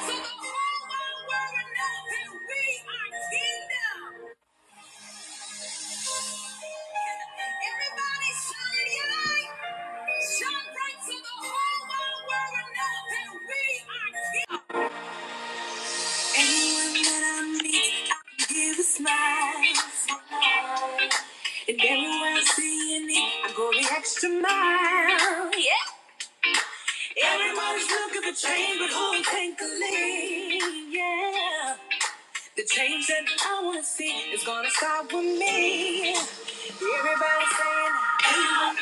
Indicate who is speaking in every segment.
Speaker 1: So the whole wide world know that we are kingdom. Everybody shout yay! Shout right so the whole wide world know that we are kingdom. Anyone that I meet, give a smile. And everywhere I see a need, I go the extra mile. Yeah. Everybody's looking for change, but who can take Yeah. The change that I want to see is gonna start with me. Everybody saying, "Hey, I'm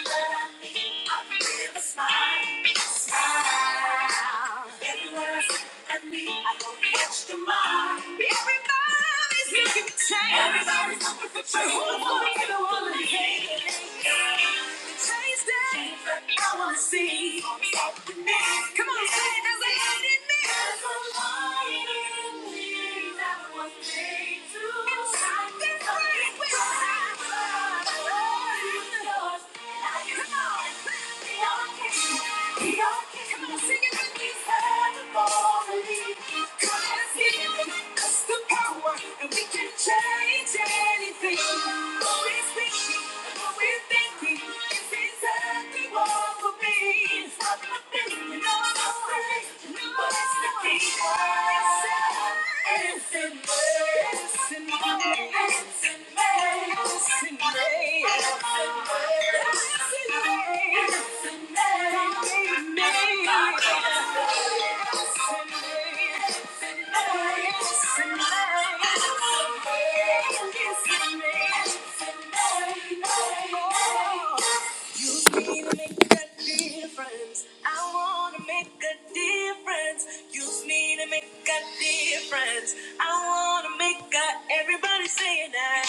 Speaker 1: a smile, smile." Everyone looks at me, I go the extra Everybody's looking for change. Everybody's looking for change. Who's gonna be the one to change? I wanna see. Come on, say it. There's a light in me. There's a light in me that was made to shine. That's right. We're not yours. Now you know it. We are kings. We are kings. Come on, sing it with me. Heavenly. Come on, let's get it. That's the power, and we can change anything. What we speak, and what we're thinking. Thank you. You me to make a difference. I wanna make a difference. Use me to make a difference. I wanna make a everybody say it now.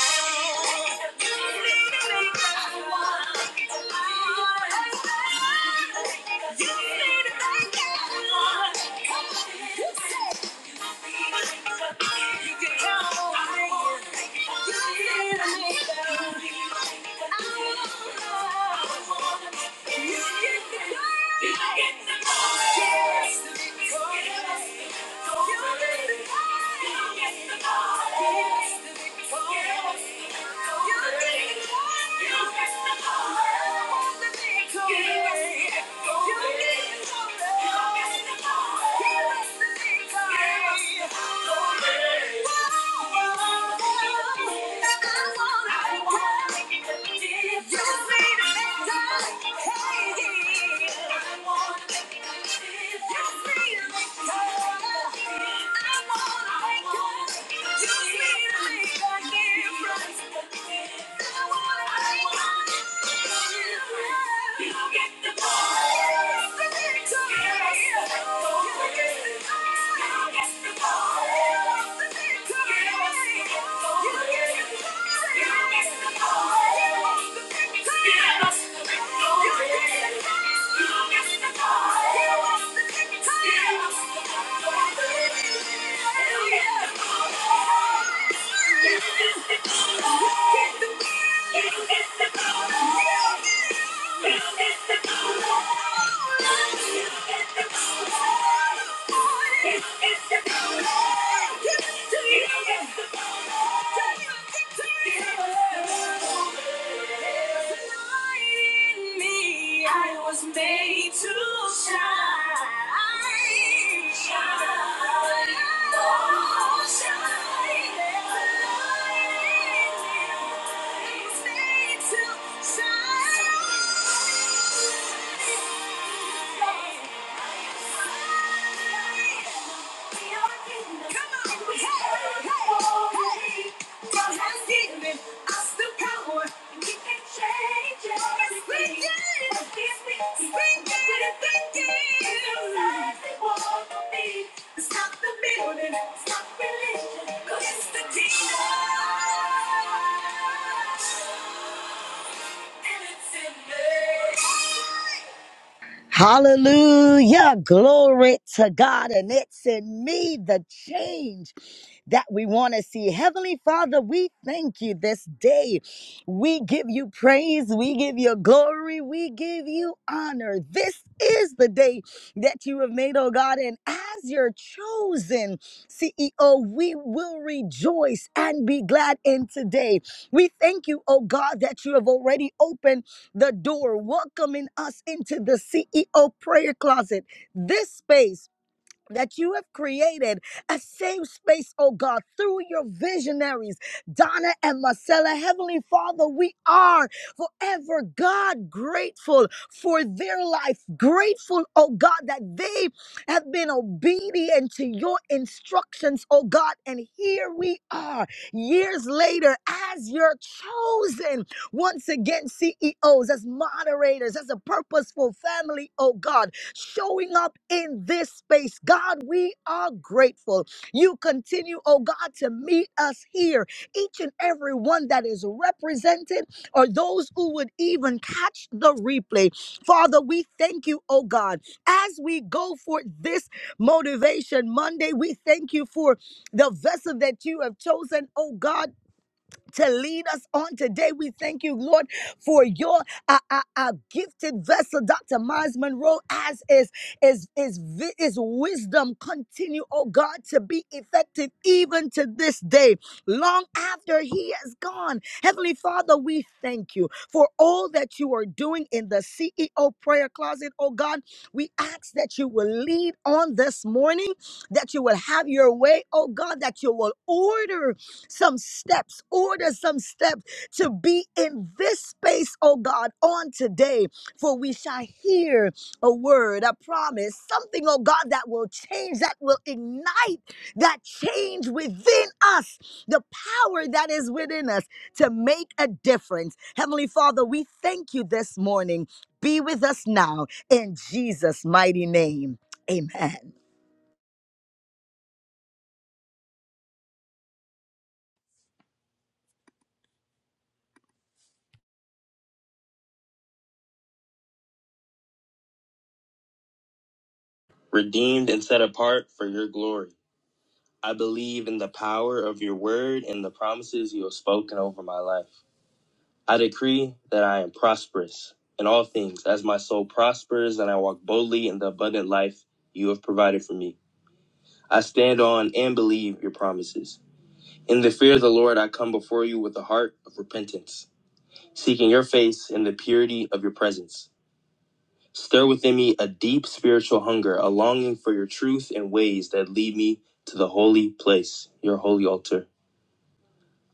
Speaker 1: Use me to make a You need to make a You can count on me. You need to make a Yes. Just need a little time. Hey. I want I wanna make you feel like I can get Yeah. I was Made to shine, shine, oh, shine, there's a light in me. I was made to shine. Stop the building, stop religion, cause it's the demon. And it's in me.
Speaker 2: Hallelujah. Glory to God. And it's in me the change that we want to see. Heavenly Father, we thank you this day. We give you praise. We give you glory. We give you honor. This is the day that you have made, oh God. And as your chosen CEO, we will rejoice and be glad in today. We thank you, oh God, that you have already opened the door, welcoming us into the CEO prayer closet. This space that you have created a safe space, oh God, through your visionaries, Donna and Marcella. Heavenly Father, we are forever, God, grateful for their life, grateful, oh God, that they have been obedient to your instructions, oh God. And here we are, years later, as your chosen, once again, CEOs, as moderators, as a purposeful family, oh God showing up in this space. God, we are grateful. You continue, oh God, to meet us here, each and every one that is represented, or those who would even catch the replay. Father, we thank you, oh God, as we go for this motivation Monday. We thank you for the vessel that you have chosen, oh God to lead us on today. We thank you, Lord, for your uh, uh, uh, gifted vessel, Dr. Miles Monroe, as is is is vi- is wisdom continue, oh God, to be effective even to this day, long after he has gone. Heavenly Father, we thank you for all that you are doing in the CEO prayer closet, oh God. We ask that you will lead on this morning, that you will have your way, oh God, that you will order some steps, order some steps to be in this space, oh God, on today. For we shall hear a word, a promise, something, oh God, that will change, that will ignite that change within us, the power that is within us to make a difference. Heavenly Father, we thank you this morning. Be with us now in Jesus' mighty name. Amen.
Speaker 3: redeemed and set apart for your glory. I believe in the power of your word and the promises you have spoken over my life. I decree that I am prosperous in all things as my soul prospers and I walk boldly in the abundant life you have provided for me. I stand on and believe your promises. In the fear of the Lord, I come before you with a heart of repentance, seeking your face in the purity of your presence. Stir within me a deep spiritual hunger, a longing for your truth and ways that lead me to the holy place, your holy altar.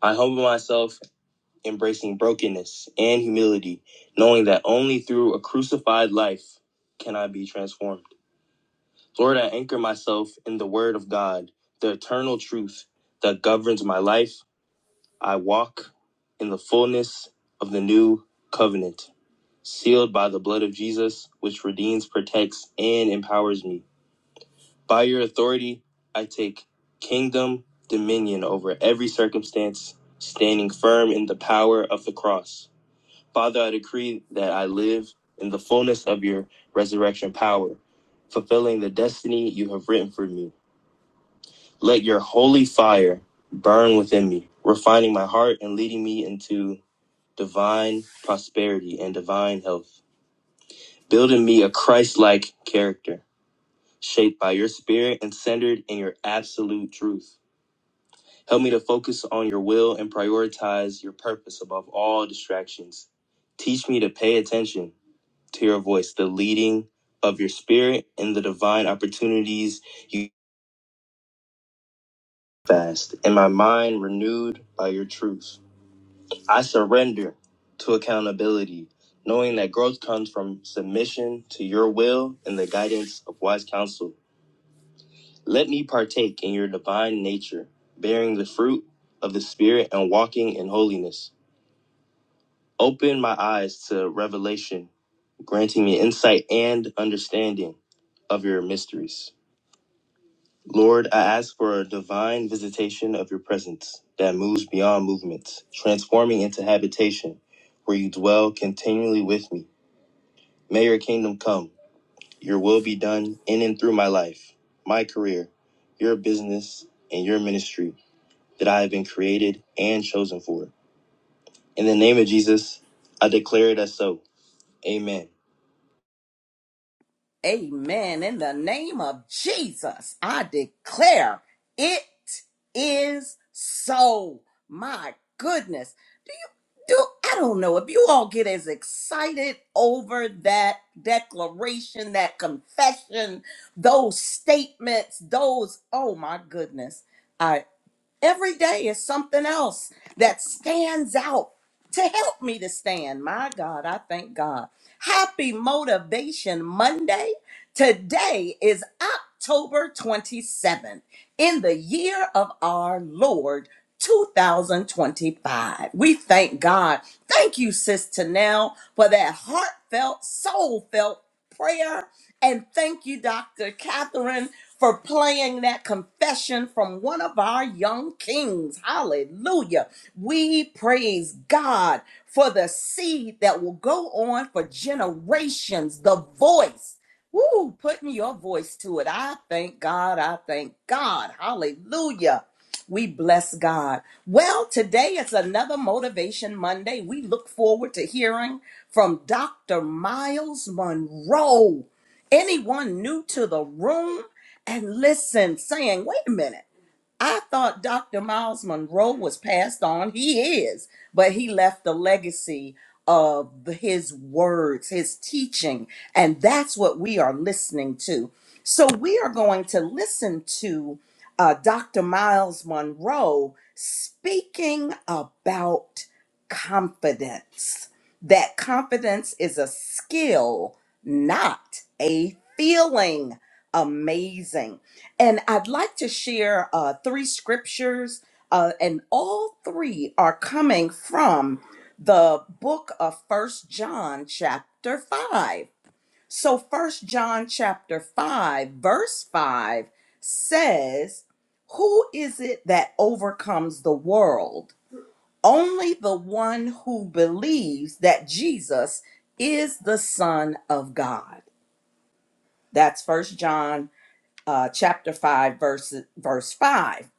Speaker 3: I humble myself, embracing brokenness and humility, knowing that only through a crucified life can I be transformed. Lord, I anchor myself in the word of God, the eternal truth that governs my life. I walk in the fullness of the new covenant, sealed by the blood of Jesus, which redeems, protects, and empowers me. By your authority, I take kingdom dominion over every circumstance, standing firm in the power of the cross. Father, I decree that I live in the fullness of your resurrection power, fulfilling the destiny you have written for me. Let your holy fire burn within me, refining my heart and leading me into divine prosperity and divine health, building me a Christ like character, shaped by your spirit and centered in your absolute truth. Help me to focus on your will and prioritize your purpose above all distractions. Teach me to pay attention to your voice, the leading of your spirit, and the divine opportunities you fast, and my mind renewed by your truth. I surrender to accountability, knowing that growth comes from submission to your will and the guidance of wise counsel. Let me partake in your divine nature, bearing the fruit of the Spirit and walking in holiness. Open my eyes to revelation, granting me insight and understanding of your mysteries. Lord, I ask for a divine visitation of your presence that moves beyond movements, transforming into habitation where you dwell continually with me. May your kingdom come, your will be done in and through my life, my career, your business, and your ministry that I have been created and chosen for. In the name of Jesus, I declare it as so. Amen.
Speaker 1: Amen. In the name of Jesus, I declare it is so. My goodness. Do you do I don't know if you all get as excited over that declaration, that confession, those statements, those oh my goodness. Every day is something else that stands out to help me to stand. My God, I thank God. Happy Motivation Monday. Today is October 27th in the year of our Lord 2025. We thank God. Thank you, Sis Tanel, for that heartfelt, soul felt prayer. And thank you, Dr. Catherine, for playing that confession from one of our young kings. Hallelujah. We praise God for the seed that will go on for generations, the voice. Woo, putting your voice to it. I thank God. I thank God. Hallelujah. We bless God. Well, today is another Motivation Monday. We look forward to hearing from Dr. Miles Monroe. Anyone new to the room and listen, saying, wait a minute. I thought Dr. Miles Monroe was passed on. He is, but he left a legacy of his words, his teaching, and that's what we are listening to. So we are going to listen to uh, Dr. Miles Monroe speaking about confidence. That confidence is a skill, not a feeling amazing. And I'd like to share uh, three scriptures, uh, and all three are coming from the book of First John, chapter 5. So, First John, chapter 5, verse 5 says, Who is it that overcomes the world? Only the one who believes that Jesus is the Son of God. That's First John uh, chapter 5, verse, verse 5.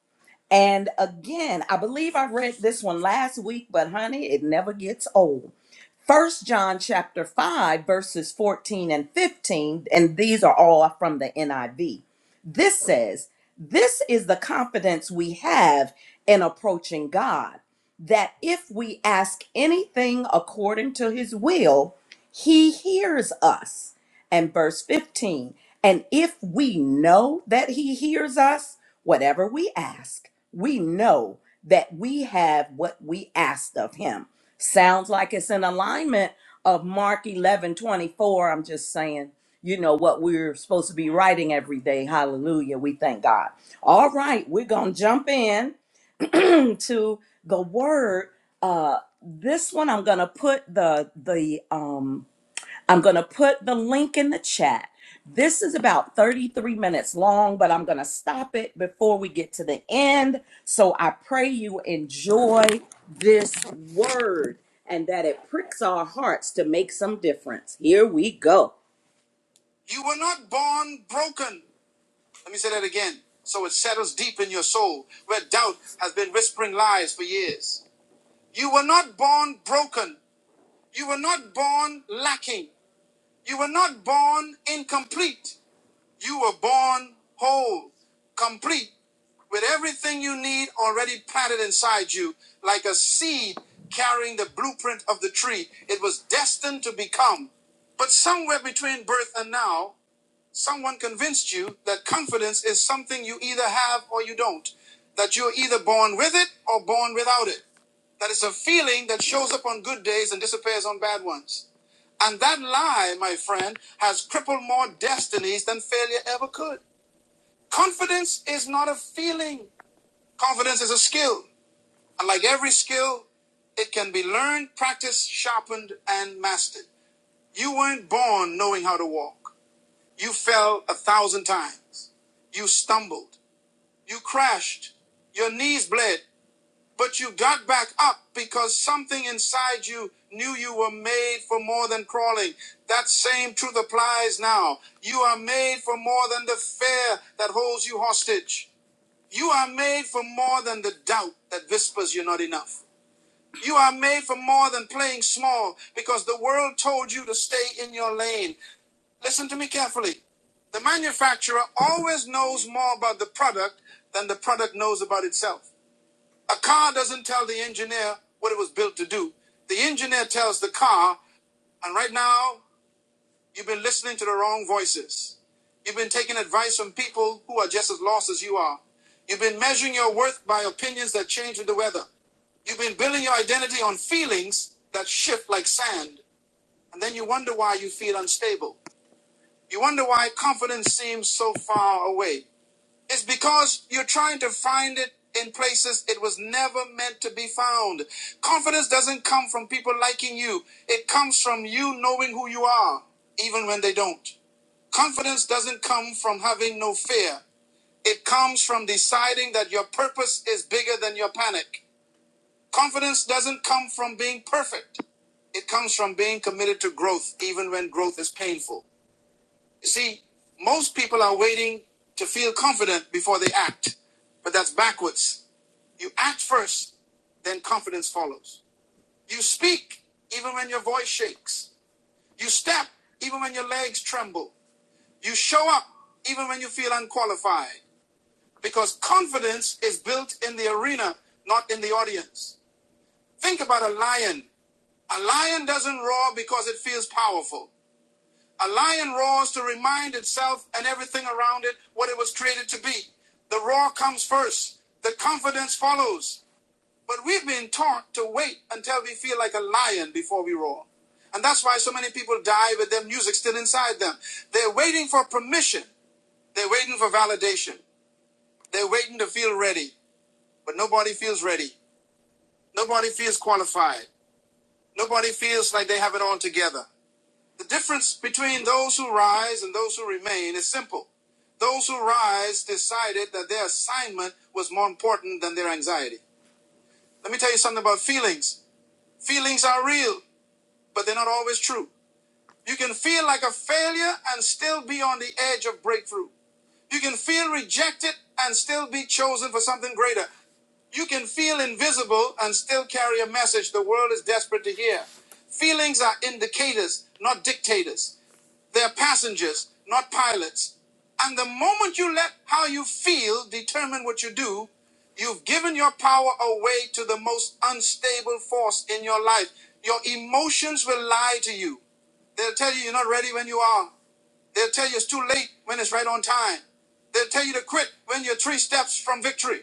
Speaker 1: And again, I believe I read this one last week, but honey, it never gets old. First John chapter 5, verses 14 and 15, and these are all from the NIV. This says, This is the confidence we have in approaching God, that if we ask anything according to his will, he hears us and verse 15. And if we know that he hears us, whatever we ask, we know that we have what we asked of him. Sounds like it's in alignment of Mark eleven twenty-four. I'm just saying, you know, what we're supposed to be writing every day. Hallelujah. We thank God. All right, we're going to jump in to the word. Uh, this one I'm going to put the the um I'm going to put the link in the chat. This is about 33 minutes long, but I'm going to stop it before we get to the end. So I pray you enjoy this word and that it pricks our hearts to make some difference. Here we go. You were not born broken. Let me say that again. So it settles deep in your soul where doubt has been whispering lies for years. You were not born broken. You were not born lacking. You were not born incomplete. You were born whole, complete, with everything you need already planted inside you, like a seed carrying the blueprint of the tree it was destined to become. But somewhere between birth and now, someone convinced you that confidence is something you either have or you don't, that you're either born with it or born without it, that it's a feeling that shows up on good days and disappears on bad ones. And that lie, my friend, has crippled more destinies than failure ever could. Confidence is not a feeling, confidence is a skill. And like every skill, it can be learned, practiced, sharpened, and mastered. You weren't born knowing how to walk. You fell a thousand times. You stumbled. You crashed. Your knees bled. But you got back up because something inside you knew you were made for more than crawling. That same truth applies now. You are made for more than the fear that holds you hostage. You are made for more than the doubt that whispers you're not enough. You are made for more than playing small because the world told you to stay in your lane. Listen to me carefully. The manufacturer always knows more about the product than the product knows about itself. A car doesn't tell the engineer what it was built to do. The engineer tells the car, and right now You've been listening to the wrong voices. You've been taking advice from people who are just as lost as you are. You've been measuring your worth by opinions that change with the weather. You've been building your identity on feelings that shift like sand. And then you wonder why you feel unstable. You wonder why confidence seems so far away. It's because you're trying to find it in places it was never meant to be found. Confidence doesn't come from people liking you, it comes from you knowing who you are, even when they don't. Confidence doesn't come from having no fear, it comes from deciding that your purpose is bigger than your panic. Confidence doesn't come from being perfect, it comes from being committed to growth, even when growth is painful. You see, most people are waiting to feel confident before they act, but that's backwards. You act first, then confidence follows. You speak even when your voice shakes. You step even when your legs tremble. You show up even when you feel unqualified because confidence is built in the arena, not in the audience. Think about a lion. A lion doesn't roar because it feels powerful. A lion roars to remind itself and everything around it what it was created to be. The roar comes first, the confidence follows. But we've been taught to wait until we feel like a lion before we roar. And that's why so many people die with their music still inside them. They're waiting for permission, they're waiting for validation, they're waiting to feel ready. But nobody feels ready, nobody feels qualified, nobody feels like they have it all together. The difference between those who rise and those who remain is simple. Those who rise decided that their assignment was more important than their anxiety. Let me tell you something about feelings. Feelings are real, but they're not always true. You can feel like a failure and still be on the edge of breakthrough. You can feel rejected and still be chosen for something greater. You can feel invisible and still carry a message the world is desperate to hear. Feelings are indicators, not dictators. They're passengers, not pilots. And the moment you let how you feel determine what you do, you've given your power away to the most unstable force in your life. Your emotions will lie to you. They'll tell you you're not ready when you are. They'll tell you it's too late when it's right on time. They'll tell you to quit when you're three steps from victory.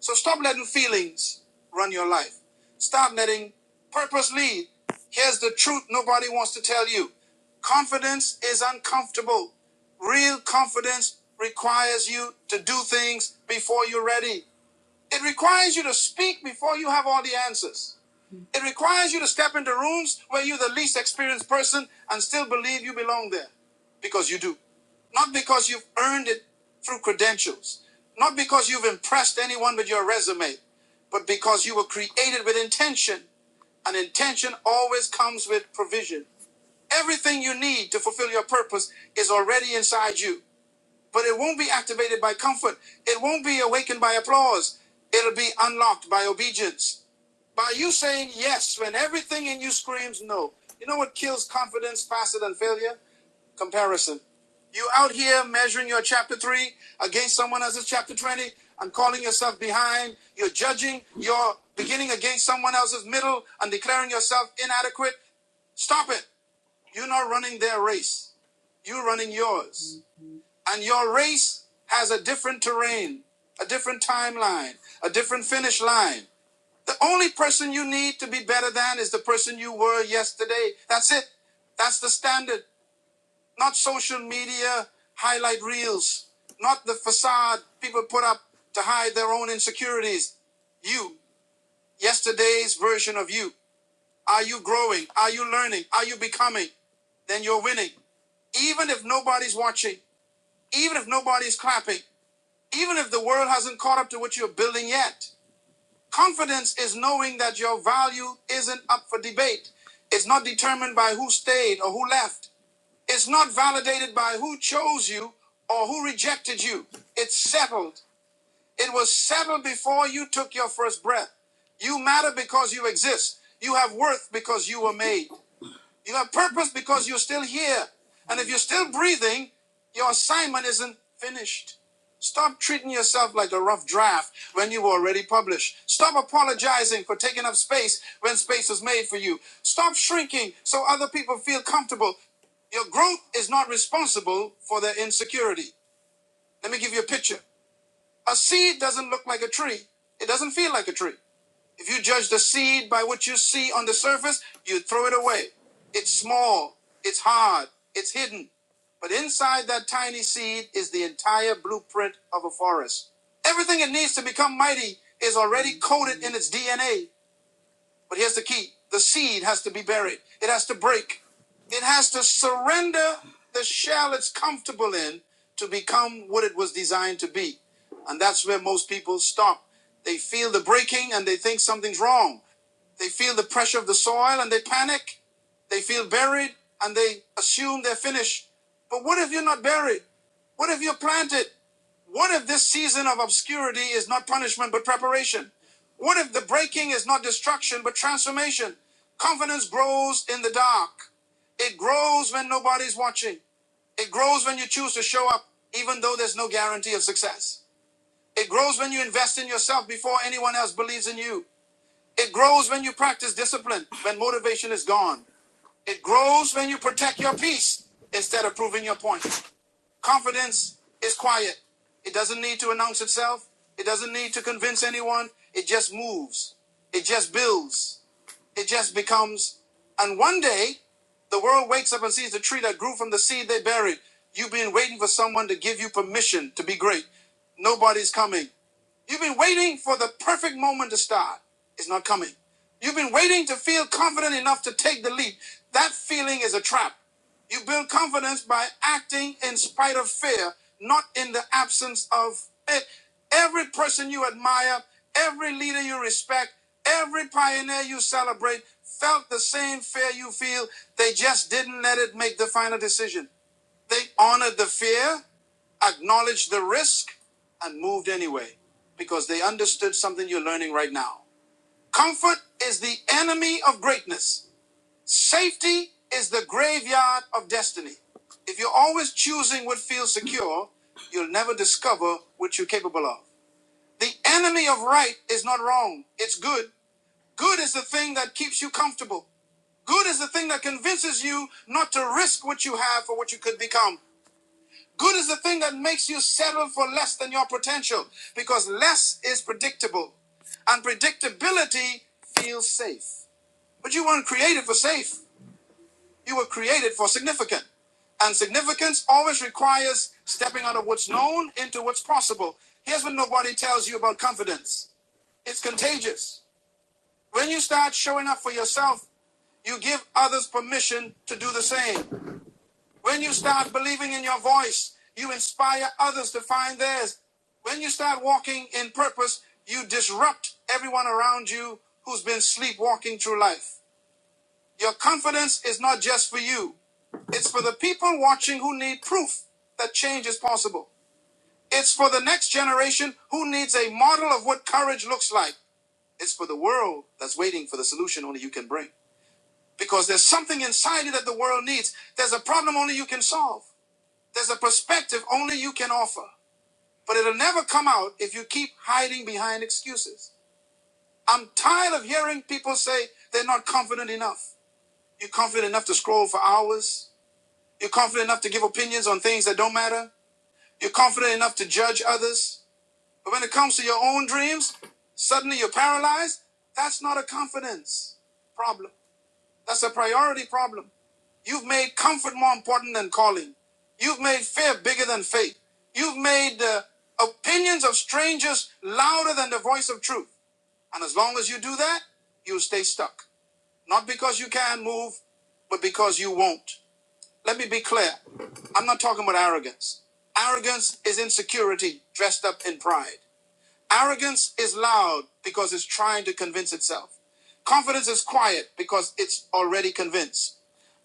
Speaker 1: So stop letting feelings run your life. Stop letting purpose lead. Here's the truth nobody wants to tell you confidence is uncomfortable. Real confidence requires you to do things before you're ready, it requires you to speak before you have all the answers. It requires you to step into rooms where you're the least experienced person and still believe you belong there because you do. Not because you've earned it through credentials, not because you've impressed anyone with your resume, but because you were created with intention. And intention always comes with provision. Everything you need to fulfill your purpose is already inside you. But it won't be activated by comfort. It won't be awakened by applause. It'll be unlocked by obedience. By you saying yes when everything in you screams no. You know what kills confidence faster than failure? Comparison. You out here measuring your chapter 3 against someone else's chapter 20 and calling yourself behind. You're judging your beginning against someone else's middle and declaring yourself inadequate. Stop it. You're not running their race. You're running yours. And your race has a different terrain, a different timeline, a different finish line. The only person you need to be better than is the person you were yesterday. That's it. That's the standard. Not social media highlight reels, not the facade people put up to hide their own insecurities. You, yesterday's version of you. Are you growing? Are you learning? Are you becoming? Then you're winning. Even if nobody's watching, even if nobody's clapping, even if the world hasn't caught up to what you're building yet. Confidence is knowing that your value isn't up for debate. It's not determined by who stayed or who left. It's not validated by who chose you or who rejected you. It's settled. It was settled before you took your first breath. You matter because you exist. You have worth because you were made. You have purpose because you're still here. And if you're still breathing, your assignment isn't finished. Stop treating yourself like a rough draft when you were already published. Stop apologizing for taking up space when space was made for you. Stop shrinking so other people feel comfortable. Your growth is not responsible for their insecurity. Let me give you a picture. A seed doesn't look like a tree. It doesn't feel like a tree. If you judge the seed by what you see on the surface, you throw it away. It's small, it's hard, it's hidden. But inside that tiny seed is the entire blueprint of a forest. Everything it needs to become mighty is already coded in its DNA but here's the key the seed has to be buried, it has to break, it has to surrender the shell it's comfortable in to become what it was designed to be. And that's where most people stop. They feel the breaking and they think something's wrong. They feel the pressure of the soil and they panic. They feel buried and they assume they're finished. But what if you're not buried? What if you're planted? What if this season of obscurity is not punishment but preparation? What if the breaking is not destruction but transformation? Confidence grows in the dark. It grows when nobody's watching. It grows when you choose to show up, even though there's no guarantee of success. It grows when you invest in yourself before anyone else believes in you. It grows when you practice discipline, when motivation is gone. It grows when you protect your peace instead of proving your point. Confidence is quiet. It doesn't need to announce itself. It doesn't need to convince anyone. It just moves. It just builds. It just becomes. And one day, the world wakes up and sees the tree that grew from the seed they buried. You've been waiting for someone to give you permission to be great. Nobody's coming. You've been waiting for the perfect moment to start. It's not coming. You've been waiting to feel confident enough to take the leap. That feeling is a trap. You build confidence by acting in spite of fear, not in the absence of it. Every person you admire, every leader you respect, every pioneer you celebrate felt the same fear you feel. They just didn't let it make the final decision. They honored the fear acknowledged the risk, and moved anyway because they understood something you're learning right now. Comfort is the enemy of greatness, safety is the graveyard of destiny. If you're always choosing what feels secure, you'll never discover what you're capable of. The enemy of right is not wrong, it's good. Good is the thing that keeps you comfortable. Good is the thing that convinces you not to risk what you have for what you could become. Good is the thing that makes you settle for less than your potential because less is predictable and predictability feels safe. But you weren't created for safe, you were created for significant. And significance always requires stepping out of what's known into what's possible. Here's what nobody tells you about confidence it's contagious. When you start showing up for yourself, you give others permission to do the same. When you start believing in your voice, you inspire others to find theirs. When you start walking in purpose, you disrupt everyone around you who's been sleepwalking through life. Your confidence is not just for you, it's for the people watching who need proof that change is possible. It's for the next generation who needs a model of what courage looks like. It's for the world that's waiting for the solution only you can bring. Because there's something inside you that the world needs. There's a problem only you can solve. There's a perspective only you can offer, but it'll never come out if you keep hiding behind excuses. I'm tired of hearing people say they're not confident enough. You're confident enough to scroll for hours. You're confident enough to give opinions on things that don't matter. You're confident enough to judge others. But when it comes to your own dreams, suddenly you're paralyzed. That's not a confidence problem. That's a priority problem. You've made comfort more important than calling. You've made fear bigger than faith. You've made uh, opinions of strangers louder than the voice of truth. And as long as you do that, you'll stay stuck. Not because you can not move, but because you won't. Let me be clear. I'm not talking about arrogance. Arrogance is insecurity dressed up in pride. Arrogance is loud because it's trying to convince itself. Confidence is quiet because it's already convinced.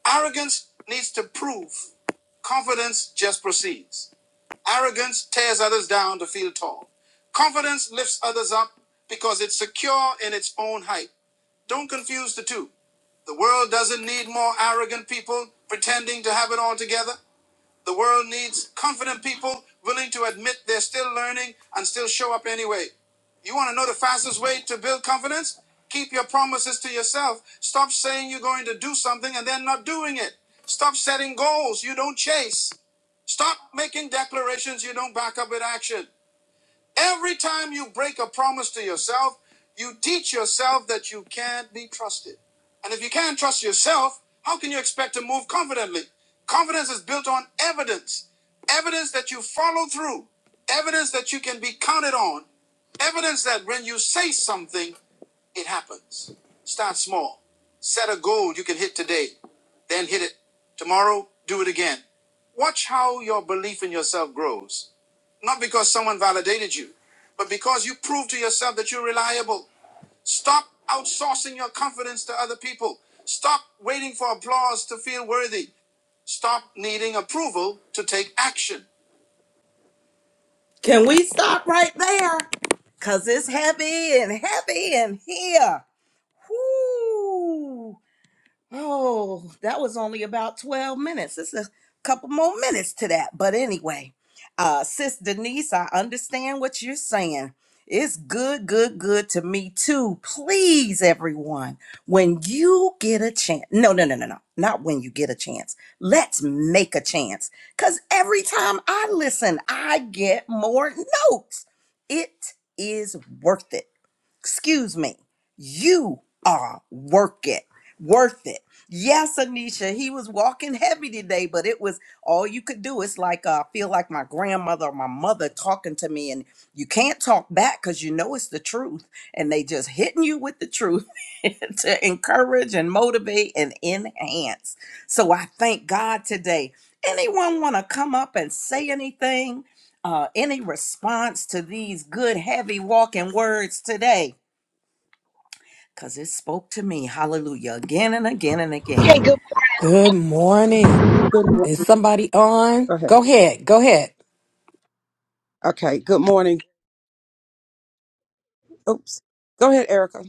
Speaker 1: Arrogance needs to prove. Confidence just proceeds. Arrogance tears others down to feel tall. Confidence lifts others up because it's secure in its own height. Don't confuse the two. The world doesn't need more arrogant people pretending to have it all together. The world needs confident people willing to admit they're still learning and still show up anyway. You want to know the fastest way to build confidence? Keep your promises to yourself. Stop saying you're going to do something and then not doing it. Stop setting goals you don't chase. Stop making declarations you don't back up with action. Every time you break a promise to yourself, you teach yourself that you can't be trusted. And if you can't trust yourself, how can you expect to move confidently? Confidence is built on evidence evidence that you follow through, evidence that you can be counted on, evidence that when you say something, it happens. Start small. Set a goal you can hit today, then hit it. Tomorrow, do it again. Watch how your belief in yourself grows not because someone validated you, but because you proved to yourself that you're reliable. Stop outsourcing your confidence to other people. Stop waiting for applause to feel worthy. Stop needing approval to take action. Can we stop right there? Because it's heavy and heavy in here. Whoo! Oh, that was only about 12 minutes. It's a couple more minutes to that. But anyway, uh, Sis Denise, I understand what you're saying. It's good, good, good to me too. Please, everyone, when you get a chance, no, no, no, no, no, not when you get a chance. Let's make a chance. Because every time I listen, I get more notes. It is worth it excuse me, you are work it, worth it. Yes, Anisha, he was walking heavy today, but it was all you could do. It's like uh, I feel like my grandmother or my mother talking to me, and you can't talk back because you know it's the truth, and they just hitting you with the truth to encourage and motivate and enhance. So I thank God today. Anyone want to come up and say anything? Uh, any response to these good, heavy walking words today? because it spoke to me. Hallelujah. Again and again and
Speaker 4: Hey,
Speaker 1: again.
Speaker 4: good.
Speaker 5: Good morning.
Speaker 6: Good morning.
Speaker 5: Is somebody on?
Speaker 6: Go ahead.
Speaker 5: Go ahead. Go ahead.
Speaker 6: Okay. Good morning. Oops. Go ahead, Erica.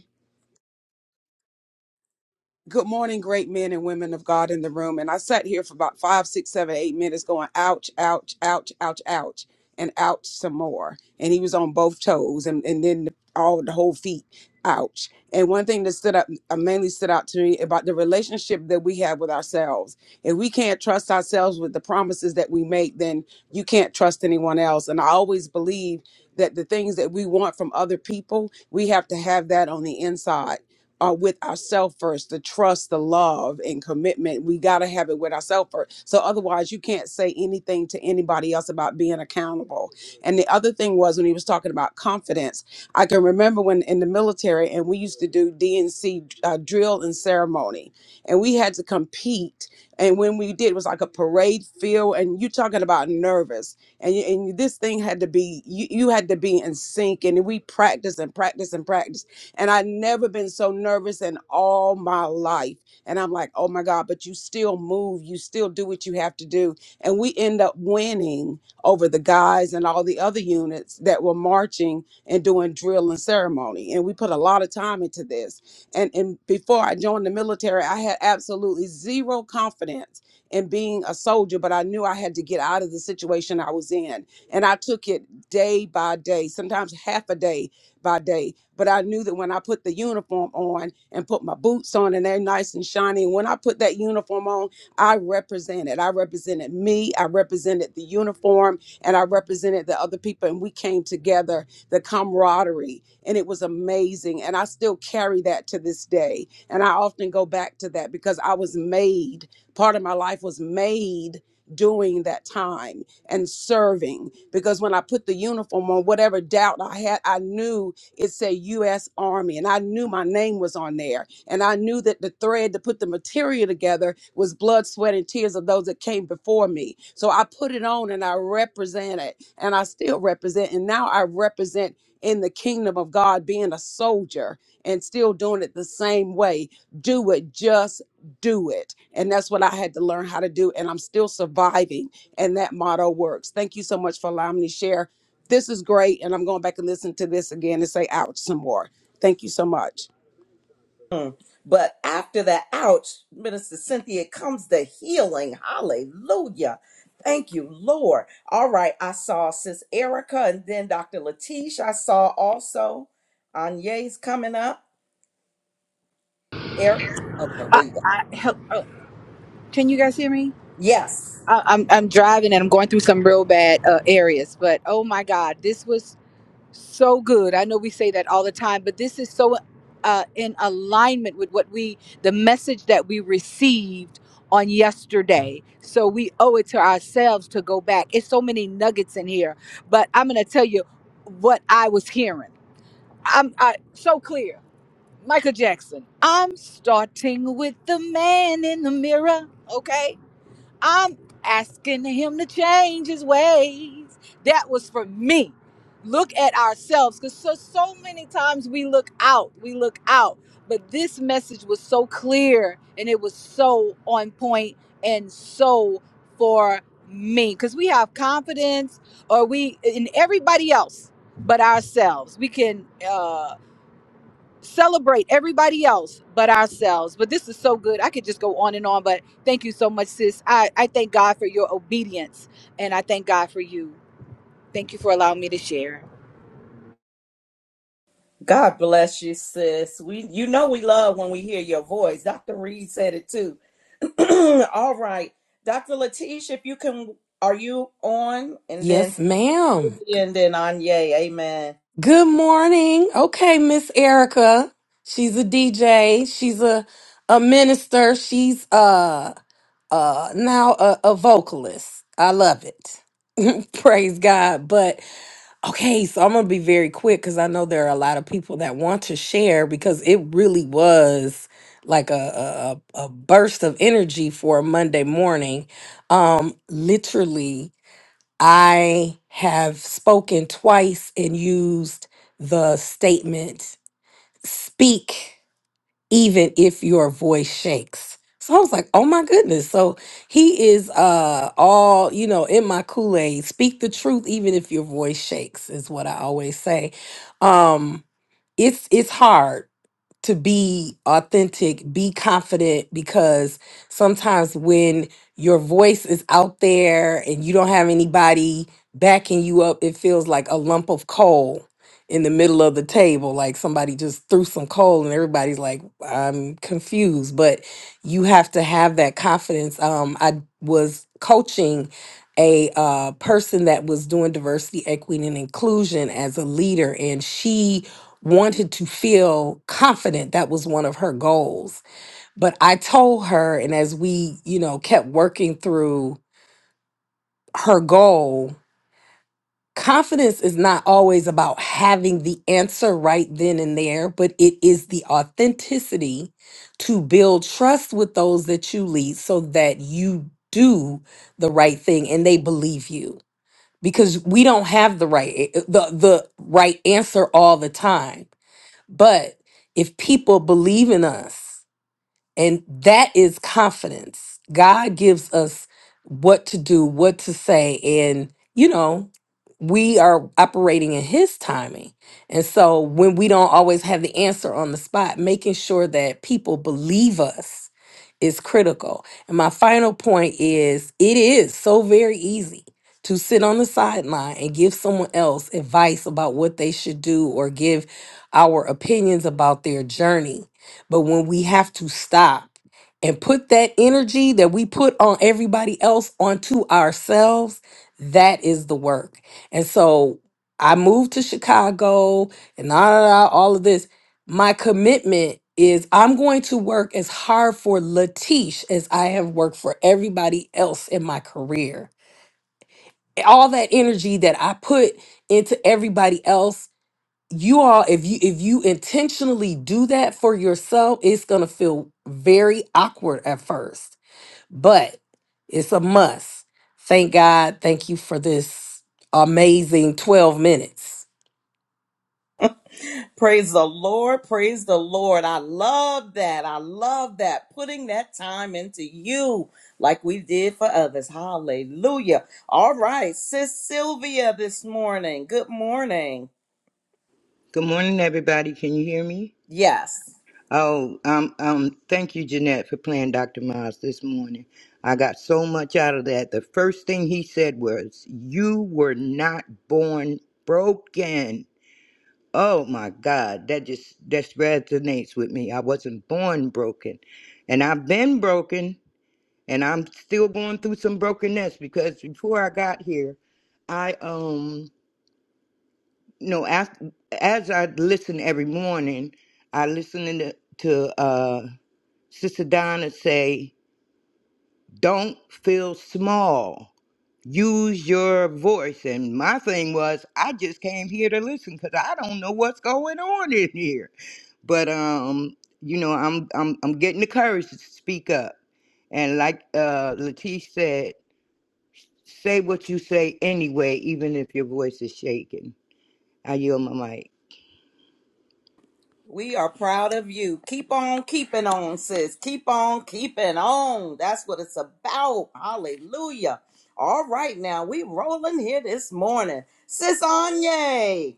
Speaker 6: Good morning, great men and women of God in the room. And I sat here for about five, six, seven, eight minutes going, ouch, ouch, ouch, ouch, ouch, and ouch some more. And he was on both toes and, and then all the whole feet, ouch. And one thing that stood up, uh, mainly stood out to me about the relationship that we have with ourselves. If we can't trust ourselves with the promises that we make, then you can't trust anyone else. And I always believe that the things that we want from other people, we have to have that on the inside are with ourselves first the trust the love and commitment we got to have it with ourselves first so otherwise you can't say anything to anybody else about being accountable and the other thing was when he was talking about confidence i can remember when in the military and we used to do D dnc uh, drill and ceremony and we had to compete and when we did it was like a parade field and you talking about nervous and, you- and this thing had to be you, you had to be in sync and we practiced and practiced and practiced and I'd never been so nervous in all my life. And I'm like, oh my God, but you still move, you still do what you have to do. And we end up winning over the guys and all the other units that were marching and doing drill and ceremony. And we put a lot of time into this. And and before I joined the military, I had absolutely zero confidence in being a soldier, but I knew I had to get out of the situation I was in. And I took it day by day, sometimes half a day by day. But I knew that when I put the uniform on and put my boots on and they're nice and shiny, and when I put that uniform on, I represented. I represented me, I represented the uniform, and I represented the other people. And we came together, the camaraderie, and it was amazing. And I still carry that to this day. And I often go back to that because I was made, part of my life was made during that time and serving because when I put the uniform on, whatever doubt I had, I knew it said U.S. Army, and I knew my name was on there, and I knew that the thread to put the material together was blood, sweat, and tears of those that came before me. So I put it on, and I represented and I still represent. And now I represent in the kingdom of God, being a soldier and still doing it the same way. Do it, just do it. And that's what I had to learn how to do. And I'm still surviving. And that motto works. Thank you so much for allowing me to share. This is great. And I'm going back and listen to this again and say ouch some more. Thank you so much.
Speaker 1: Mm. But after that, ouch, Minister Cynthia, comes the healing. Hallelujah. Thank you, Lord. All right, I saw Sis Erica and then Dr. Latish. I saw also Anya's coming up. Eric. Okay, there
Speaker 4: I,
Speaker 1: you go.
Speaker 4: I help. Oh, can you guys hear me?
Speaker 1: Yes.
Speaker 4: I, I'm I'm driving and I'm going through some real bad uh, areas, but oh my God, this was so good. I know we say that all the time, but this is so uh, in alignment with what we, the message that we received on yesterday. So we owe it to ourselves to go back. It's so many nuggets in here, but I'm gonna tell you what I was hearing. I'm I, so clear. Michael Jackson. I'm starting with the man in the mirror, okay? I'm asking him to change his ways. That was for me. Look at ourselves cuz so so many times we look out, we look out. But this message was so clear and it was so on point and so for me cuz we have confidence or we in everybody else but ourselves. We can uh celebrate everybody else but ourselves. But this is so good. I could just go on and on, but thank you so much, sis. I, I thank God for your obedience and I thank God for you. Thank you for allowing me to share.
Speaker 1: God bless you, sis. We you know we love when we hear your voice. Dr. Reed said it too. All right. Dr. Latish, if you can are you on? And then
Speaker 5: Yes, ma'am.
Speaker 1: Sylvia and then Anye. Amen.
Speaker 5: Good morning. Okay, Miss Erica. She's a DJ. She's a a minister. She's uh uh now a, a vocalist. I love it. Praise God. But Okay, so I'm gonna be very quick because I know there are a lot of people that want to share because it really was like a a, a a burst of energy for a Monday morning. Um, literally, I have spoken twice and used the statement "speak." even if your voice shakes. So I was like, oh my goodness. So he is uh all, you know, in my Kool-Aid. Speak the truth even if your voice shakes, is what I always say. Um, it's it's hard to be authentic, be confident because sometimes when your voice is out there and you don't have anybody backing you up, it feels like a lump of coal in the middle of the table. Like somebody just threw some coal and everybody's like, I'm confused. But you have to have that confidence. Um, I was coaching a uh, person that was doing diversity, equity, and inclusion as a leader, and she wanted to feel confident that was one of her goals but i told her and as we you know kept working through her goal confidence is not always about having the answer right then and there but it is the authenticity to build trust with those that you lead so that you do the right thing and they believe you because we don't have the right eh, eh, the the right answer all the time But if people believe in us, and that is confidence. God gives us what to do, what to say. And, you know, we are operating in His timing. And so when we don't always have the answer on the spot, making sure that people believe us is critical. And my final point is it is so very easy to sit on the sideline and give someone else advice about what they should do or give our opinions about their journey but when we have to stop and put that energy that we put on everybody else onto ourselves, that is the work. And so I moved to Chicago and da, da, da, all of this. My commitment is I'm going to work as hard for Latish as I have worked for everybody else in my career. All that energy that I put into everybody else you all if you if you intentionally do that for yourself it's going to feel very awkward at first but it's a must thank god thank you for this amazing 12 minutes
Speaker 1: Praise the Lord. Praise the Lord. I love that. I love that. Putting that time into you like we did for others. Hallelujah. All right. Sis Sylvia this morning. Good morning.
Speaker 7: Good morning, everybody. Can you hear me?
Speaker 1: Yes.
Speaker 7: Oh, um, um, thank you, Jeanette, for playing Dr. Miles this morning. I got so much out of that. The first thing he said was, You were not born broken. Oh my God, that just that resonates with me. I wasn't born broken. And I've been broken and I'm still going through some brokenness because before I got here, I um no, as, as I listen every morning, I listen to, to uh, Sister Donna say, Don't feel small. Use your voice. And my thing was, I just came here to listen because I don't know what's going on in here. But, um, you know, I'm, I'm, I'm getting the courage to speak up. And like uh, Latish said, say what you say anyway, even if your voice is shaking. I yield my mic.
Speaker 1: We are proud of you. Keep on keeping on, sis. Keep on keeping on. That's what it's about. Hallelujah. All right, now we rolling here this morning. Sis Anye,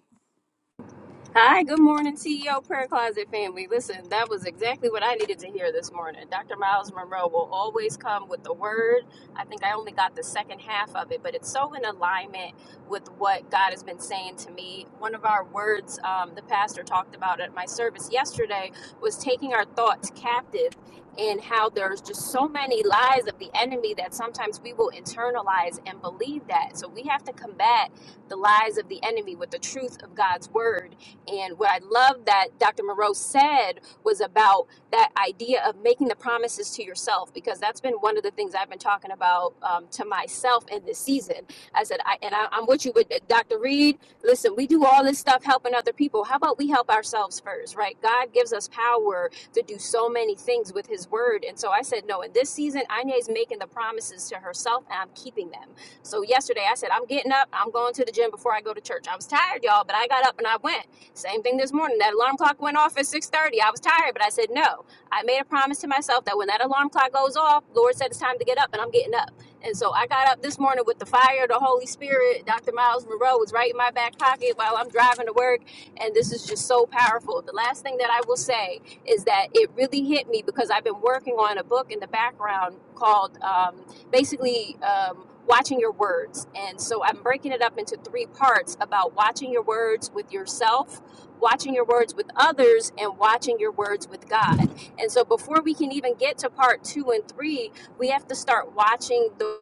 Speaker 8: Hi, good morning, CEO Prayer Closet family. Listen, that was exactly what I needed to hear this morning. Dr. Miles Monroe will always come with the word. I think I only got the second half of it, but it's so in alignment with what God has been saying to me. One of our words um, the pastor talked about at my service yesterday was taking our thoughts captive and how there's just so many lies of the enemy that sometimes we will internalize and believe that. So we have to combat the lies of the enemy with the truth of God's word and what I love that Dr. Moreau said was about that idea of making the promises to yourself, because that's been one of the things I've been talking about um, to myself in this season. I said, I, and I, I'm with you with Dr. Reed. Listen, we do all this stuff helping other people. How about we help ourselves first, right? God gives us power to do so many things with His word. And so I said, no, in this season, Anya's making the promises to herself, and I'm keeping them. So yesterday I said, I'm getting up, I'm going to the gym before I go to church. I was tired, y'all, but I got up and I went. Same thing this morning. That alarm clock went off at 6:30. I was tired, but I said no. I made a promise to myself that when that alarm clock goes off, Lord said it's time to get up, and I'm getting up. And so I got up this morning with the fire, of the Holy Spirit. Dr. Miles Monroe was right in my back pocket while I'm driving to work, and this is just so powerful. The last thing that I will say is that it really hit me because I've been working on a book in the background called um, basically. Um, Watching your words. And so I'm breaking it up into three parts about watching your words with yourself, watching your words with others and watching your words with God. And so before we can even get to part 2 and 3, we have to start watching the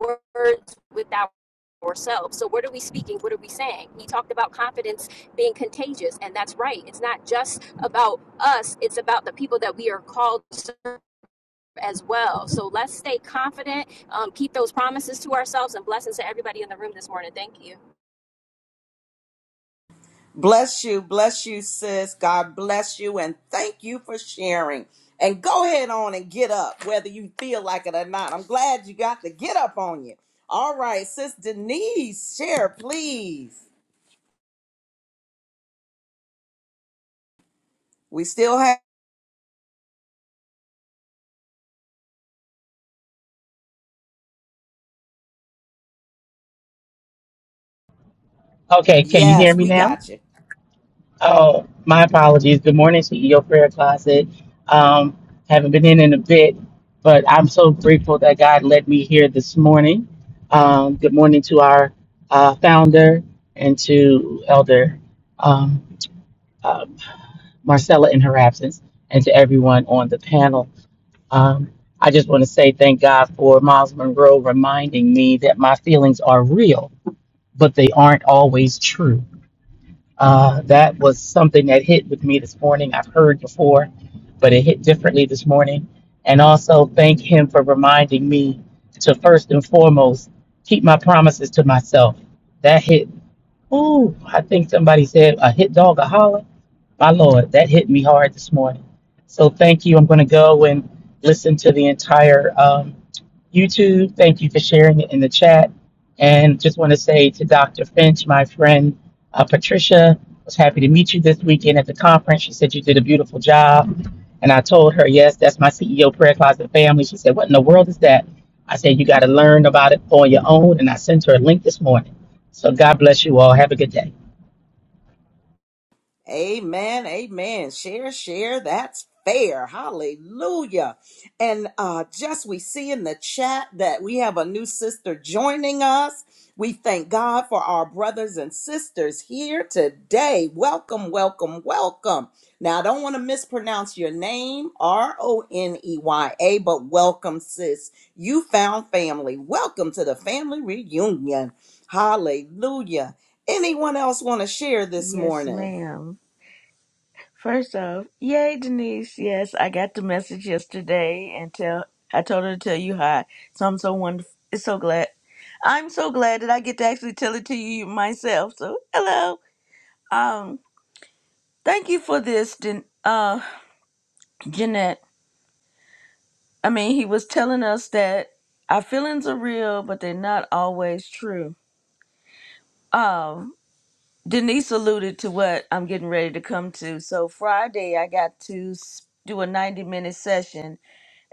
Speaker 8: words with ourselves. So what are we speaking? What are we saying? He talked about confidence being contagious, and that's right. It's not just about us, it's about the people that we are called to as well. So let's stay confident, um, keep those promises to ourselves, and blessings to everybody in the room this morning. Thank you.
Speaker 1: bless you, bless you, sis. God bless you, and thank you for sharing. And go ahead on and get up, whether you feel like it or not. I'm glad you got the get up on you. All right, sis Denise, share, please. We still have,
Speaker 9: Okay, can you hear
Speaker 1: yes,
Speaker 9: me
Speaker 1: we
Speaker 9: now?
Speaker 1: got you.
Speaker 9: Oh, my apologies. Good morning, CEO Prayer Closet. Um, haven't been in in a bit, but I'm so grateful that God led me here this morning. Um, good morning to our uh, founder and to Elder um, uh, Marcella in her absence, and to everyone on the panel. Um, I just want to say thank God for Miles Monroe reminding me that my feelings are real, but they aren't always true. Uh, that was something that hit with me this morning. I've heard before, but it hit differently this morning. And also thank him for reminding me to first and foremost keep my promises to myself. That hit. Ooh, I think somebody said a hit dog a holler. My lord, that hit me hard this morning. So thank you. I'm going to go and listen to the entire um, YouTube. Thank you for sharing it in the chat. And just want to say to Dr. Finch, my friend uh, Patricia, was happy to meet you this weekend at the conference. She said you did a beautiful job. And I told her, yes, that's my CEO Prayer Closet family. She said, what in the world is that? I said, you got to learn about it on your own. And I sent her a link this morning. So God bless you all. Have a good day.
Speaker 1: Amen. Amen. Share, share. That's fair. Hallelujah. And uh just we see in the chat that we have a new sister joining us. We thank God for our brothers and sisters here today. Welcome, welcome, welcome. Now, I don't want to mispronounce your name, R O N E Y A, but welcome, sis. You found family. Welcome to the family reunion. Hallelujah. Anyone else want to share this
Speaker 10: Yes,
Speaker 1: morning?
Speaker 10: ma'am. First off, yay, Denise. Yes, I got the message yesterday and tell I told her to tell you hi. So I'm so wonderful. It's so glad. I'm so glad that I get to actually tell it to you myself. So hello. Um, thank you for this, Den- uh, Jeanette. I mean, he was telling us that our feelings are real, but they're not always true. Um, Denise alluded to what I'm getting ready to come to. So Friday, I got to s- do a 90 minute session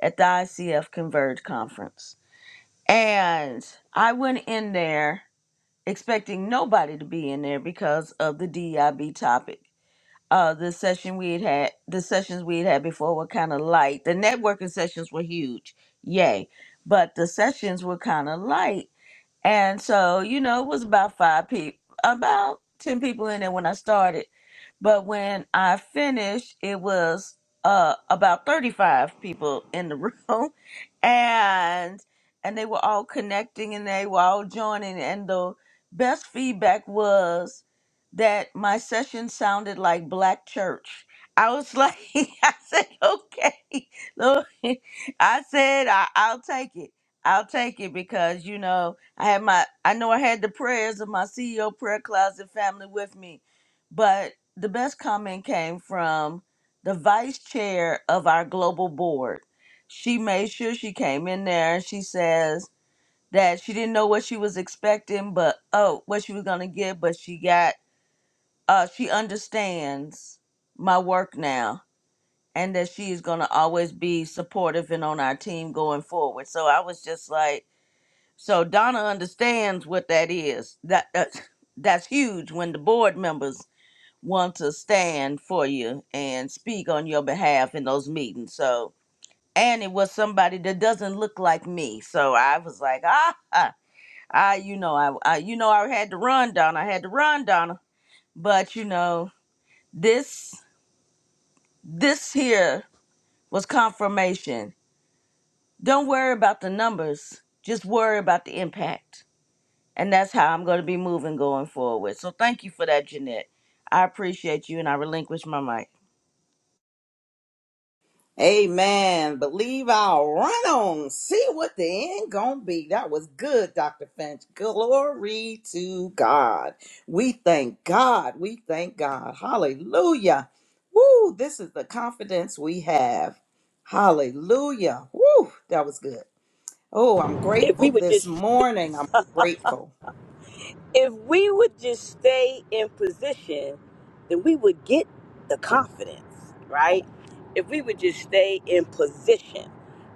Speaker 10: at the ICF Converge conference. And I went in there expecting nobody to be in there because of the DIB topic. Uh, the session we had had, the sessions we had had before were kind of light. The networking sessions were huge, yay! But the sessions were kind of light and so, you know, it was about five people, about 10 people in there when I started. But when I finished, it was uh, about 35 people in the room. And and they were all connecting and they were all joining. And the best feedback was that my session sounded like black church. I was like, I said, okay. Lord, I said, I, I'll take it. I'll take it because, you know, I had my I know I had the prayers of my CEO prayer closet family with me, but the best comment came from the vice chair of our global board. She made sure she came in there and she says that she didn't know what she was expecting, but oh, what she was gonna get, but she got uh she understands my work now and that she is gonna always be supportive and on our team going forward. So I was just like so Donna understands what that is. That that's, that's huge when the board members want to stand for you and speak on your behalf in those meetings. So and it was somebody that doesn't look like me. So I was like, ah, ah, I, you know, I, I, you know, I had to run, Donna. I had to run, Donna. But you know, this, this here was confirmation. Don't worry about the numbers. Just worry about the impact And that's how I'm going to be moving going forward. So thank you for that, Jeanette. I appreciate you and I relinquish my mic.
Speaker 1: Amen. Believe I'll run on. See what the end gonna be. That was good, Dr. Finch. Glory to God. We thank God. We thank God. Hallelujah. Woo, this is the confidence we have. Hallelujah. Woo, that was good. Oh, I'm
Speaker 11: if
Speaker 1: grateful
Speaker 11: we would
Speaker 1: this
Speaker 11: just
Speaker 1: morning. I'm grateful.
Speaker 11: if we would just stay in position then we would get the confidence right if we would just stay in position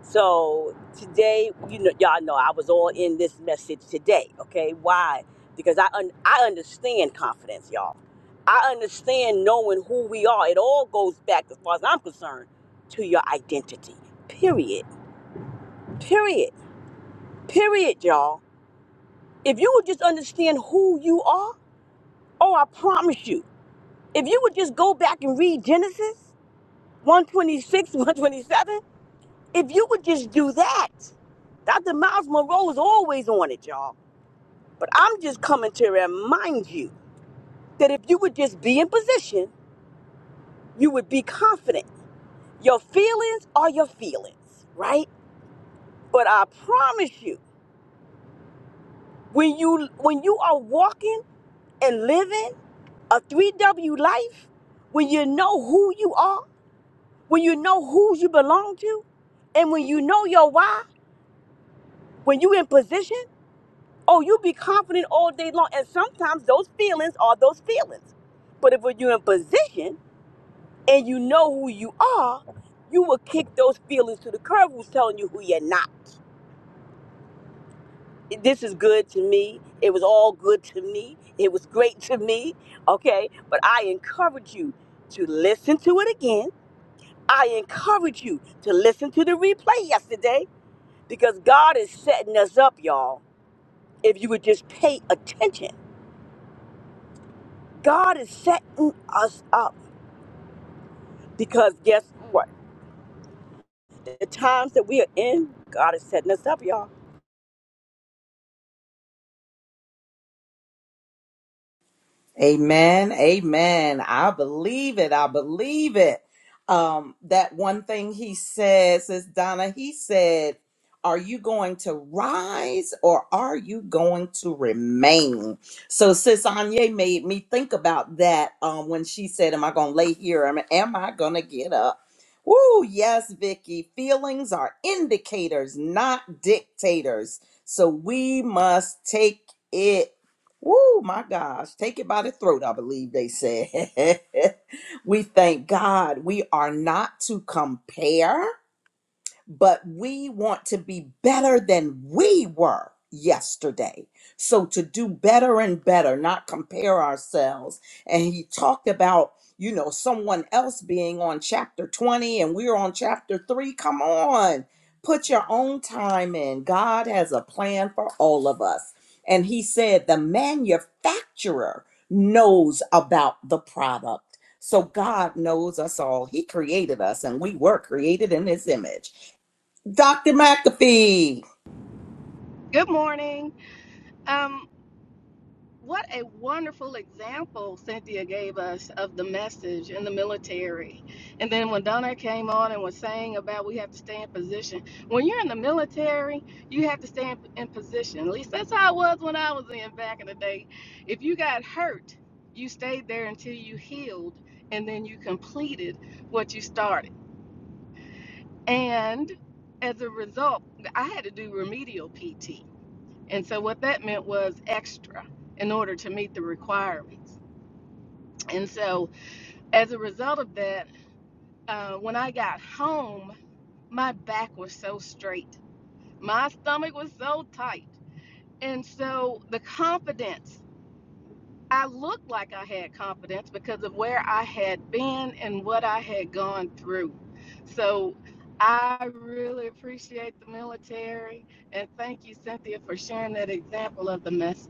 Speaker 11: so today you know y'all know i was all in this message today okay why because i un- i understand confidence y'all i understand knowing who we are it all goes back as far as i'm concerned to your identity period period period y'all if you would just understand who you are Oh, I promise you, if you would just go back and read Genesis 126, 127, if you would just do that, Dr. Miles Monroe is always on it, y'all. But I'm just coming to remind you that if you would just be in position, you would be confident. Your feelings are your feelings, right? But I promise you, when you when you are walking and living a 3W life, when you know who you are, when you know who you belong to, and when you know your why, when you in position, oh, you be confident all day long. And sometimes those feelings are those feelings. But if you're in position and you know who you are, you will kick those feelings to the curb who's telling you who you're not. This is good to me. It was all good to me. It was great to me. Okay. But I encourage you to listen to it again. I encourage you to listen to the replay yesterday Because God is setting us up, y'all. If you would just pay attention, God is setting us up. Because guess what? The times that we are in, God is setting us up, y'all.
Speaker 1: Amen. Amen. I believe it. I believe it. Um, that one thing he says is Donna, he said, Are you going to rise or are you going to remain? So sis Anya made me think about that um when she said, Am I gonna lay here? Am, am I gonna get up? Woo, yes, Vicky. Feelings are indicators, not dictators. So we must take it Woo, my gosh. Take it by the throat, I believe they said. we thank God we are not to compare but we want to be better than we were yesterday. So to do better and better, not compare ourselves. And he talked about, you know, someone else being on chapter 20 and we're on chapter 3. Come on. Put your own time in. God has a plan for all of us. And he said the manufacturer knows about the product. So God knows us all. He created us and we were created in his image. Dr. McAfee.
Speaker 12: Good morning. Um, what a wonderful example Cynthia gave us of the message in the military. And then when Donna came on and was saying about we have to stay in position, when you're in the military, you have to stay in, in position. At least that's how it was when I was in back in the day. If you got hurt, you stayed there until you healed and then you completed what you started. And as a result, I had to do remedial PT And so what that meant was extra in order to meet the requirements. And so as a result of that, uh, when I got home, my back was so straight, my stomach was so tight. And so the confidence, I looked like I had confidence because of where I had been and what I had gone through. So I really appreciate the military and thank you, Cynthia, for sharing that example of the message.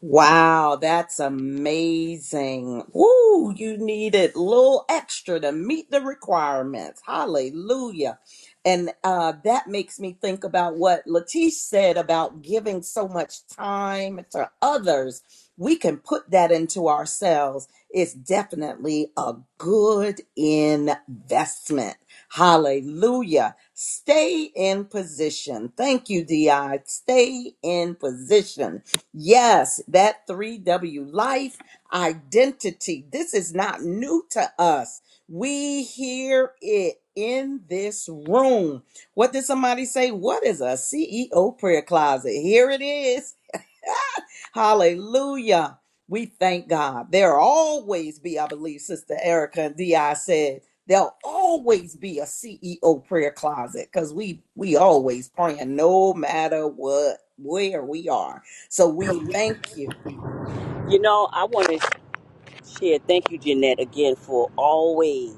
Speaker 1: Wow, that's amazing. Woo, you needed a little extra to meet the requirements. Hallelujah. And uh, that makes me think about what Latish said about giving so much time to others. We can put that into ourselves. It's definitely a good investment. Hallelujah. Stay in position. Thank you, DI. Stay in position Yes, that 3W life identity. This is not new to us. We hear it in this room. What did somebody say? What is a CEO prayer closet? Here it is. Hallelujah. We thank God. There'll always be, I believe, Sister Erica and DI said, there'll always be a CEO prayer closet because we we always praying no matter what where we are. So we thank you.
Speaker 11: You know, I want to Shit, thank you, Jeanette, again for always.